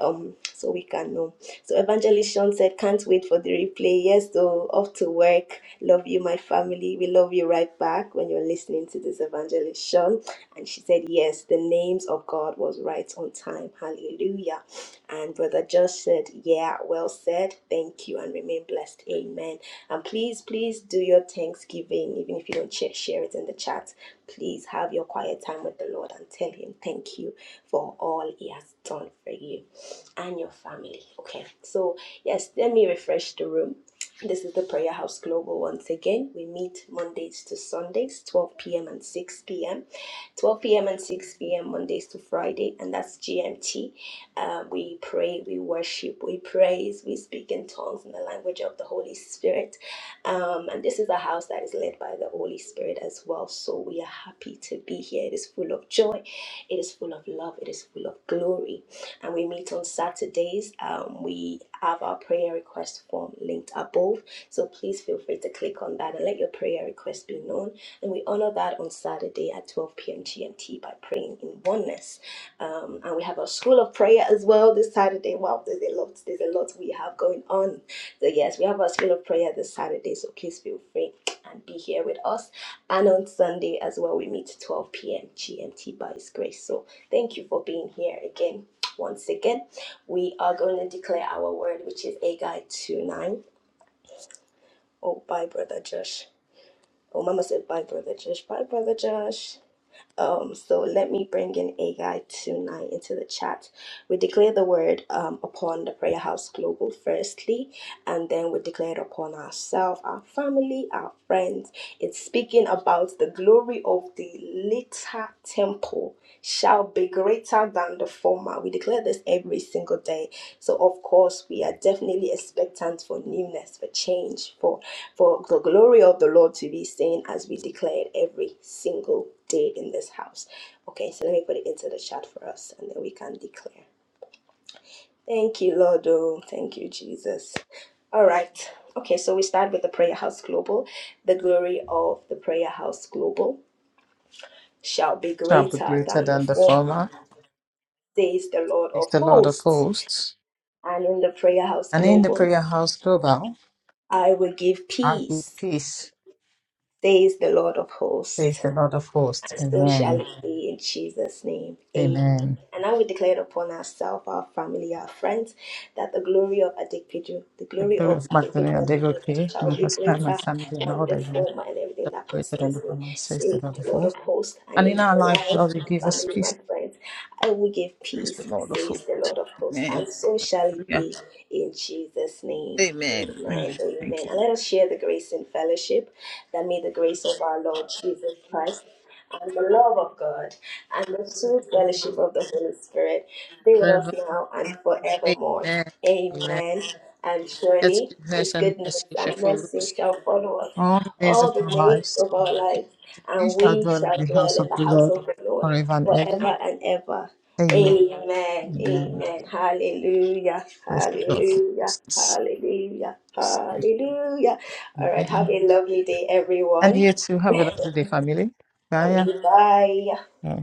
Speaker 1: um, so we can know. So Evangelist Sean said, can't wait for the replay. Yes, though, off to work. Love you, my family. We love you right back when you're listening to this Evangelist Sean. And she said, Yes, the names of God was right on time. Hallelujah. And Brother Josh said, Yeah, well said. Thank you and remain blessed. Amen. And please, please do your Thanksgiving, even if you don't share, share it in the chat. Please have your quiet time with the Lord and tell Him thank you for all He has done for you and your family. Okay, so yes, let me refresh the room. This is the Prayer House Global once again. We meet Mondays to Sundays, 12 p.m. and 6 p.m. 12 p.m. and 6 p.m. Mondays to Friday, and that's GMT. Uh, we pray, we worship, we praise, we speak in tongues in the language of the Holy Spirit. Um, and this is a house that is led by the Holy Spirit as well. So we are happy to be here. It is full of joy, it is full of love, it is full of glory. And we meet on Saturdays. Um, we have our prayer request form linked above so please feel free to click on that and let your prayer request be known. And we honor that on Saturday at 12 p.m. GMT by praying in oneness. Um, and we have our school of prayer as well this Saturday. Wow, there's a lot, there's a lot we have going on. So yes, we have our school of prayer this Saturday. So please feel free and be here with us. And on Sunday as well, we meet 12 p.m. GMT by His grace. So thank you for being here again. Once again, we are going to declare our word, which is Agai 2 9. Oh, bye, Brother Josh. Oh, Mama said, bye, Brother Josh. Bye, Brother Josh. Um, so let me bring in Agai tonight into the chat. We declare the word um, upon the Prayer House Global firstly, and then we declare it upon ourselves, our family, our friends. It's speaking about the glory of the later temple shall be greater than the former. We declare this every single day. So of course, we are definitely expectant for newness, for change, for for the glory of the Lord to be seen as we declare it every single day in this house. Okay, so let me put it into the chat for us and then we can declare. Thank you, Lord. Oh, thank you, Jesus. All right. Okay, so we start with the Prayer House Global. The glory of the Prayer House Global shall be greater than the former,
Speaker 2: Mama
Speaker 1: says the Lord
Speaker 2: is
Speaker 1: of
Speaker 2: the Lord of
Speaker 1: hosts.
Speaker 2: hosts.
Speaker 1: And in the Prayer House
Speaker 2: And in the
Speaker 1: Global,
Speaker 2: prayer house global,
Speaker 1: I will give
Speaker 2: I give
Speaker 1: peace,
Speaker 2: peace,
Speaker 1: says the Lord of
Speaker 2: says
Speaker 1: hosts.
Speaker 2: the Lord of hosts.
Speaker 1: and So shall
Speaker 2: Amen.
Speaker 1: it be in Jesus' name. Amen.
Speaker 2: Amen.
Speaker 1: And now we declare it upon ourselves, our family, our friends, that the glory of Adikpiju, the
Speaker 2: The
Speaker 1: glory
Speaker 2: glory
Speaker 1: of
Speaker 2: of
Speaker 1: Adikpiju
Speaker 2: Magdalena
Speaker 1: and the
Speaker 2: Degoke, my
Speaker 1: shall be
Speaker 2: husband, my
Speaker 1: greater
Speaker 2: family, and
Speaker 1: than
Speaker 2: all
Speaker 1: the
Speaker 2: that we
Speaker 1: former and everything that
Speaker 2: celebrated and
Speaker 1: concerns
Speaker 2: the
Speaker 1: me.
Speaker 2: family, says the
Speaker 1: Says
Speaker 2: Lord of
Speaker 1: the Lord of
Speaker 2: hosts.
Speaker 1: hosts, and
Speaker 2: And
Speaker 1: in
Speaker 2: in our
Speaker 1: my
Speaker 2: life,
Speaker 1: life,
Speaker 2: God will
Speaker 1: my
Speaker 2: give us
Speaker 1: family, my
Speaker 2: peace,
Speaker 1: friends, I will give
Speaker 2: says the
Speaker 1: peace,
Speaker 2: Lord of hosts.
Speaker 1: says the Lord of hosts, and
Speaker 2: Amen.
Speaker 1: so shall it
Speaker 2: Hallelujah.
Speaker 1: be in Jesus' name.
Speaker 2: Amen.
Speaker 1: Amen.
Speaker 2: Amen. Thank
Speaker 1: Amen.
Speaker 2: you.
Speaker 1: And let us share the grace in fellowship that may the grace of our Lord Jesus Christ and the love of God and the sweet fellowship of the Holy Spirit be with us
Speaker 2: Forever.
Speaker 1: now and forevermore.
Speaker 2: Amen. Amen.
Speaker 1: Amen. And
Speaker 2: That's
Speaker 1: surely his
Speaker 2: goodness and
Speaker 1: goodness
Speaker 2: mercy shall
Speaker 1: and
Speaker 2: follow us
Speaker 1: mercy shall follow us
Speaker 2: all the days
Speaker 1: all
Speaker 2: of
Speaker 1: the
Speaker 2: our
Speaker 1: days
Speaker 2: lives.
Speaker 1: of our lives,
Speaker 2: We
Speaker 1: and
Speaker 2: shall
Speaker 1: we
Speaker 2: dwell in
Speaker 1: shall
Speaker 2: the house
Speaker 1: dwell in
Speaker 2: of
Speaker 1: the
Speaker 2: the
Speaker 1: house
Speaker 2: Lord
Speaker 1: of the Lord
Speaker 2: forever and ever.
Speaker 1: forever and ever.
Speaker 2: Amen.
Speaker 1: Amen.
Speaker 2: Amen.
Speaker 1: Amen. Hallelujah.
Speaker 2: Praise the Lord.
Speaker 1: Hallelujah.
Speaker 2: Jesus.
Speaker 1: Hallelujah.
Speaker 2: Yes.
Speaker 1: Hallelujah. All right. Have
Speaker 2: Amen.
Speaker 1: a lovely day,
Speaker 2: And
Speaker 1: everyone.
Speaker 2: you too. Have a lovely day, family. Bye. Yeah.
Speaker 1: Bye.
Speaker 2: Bye.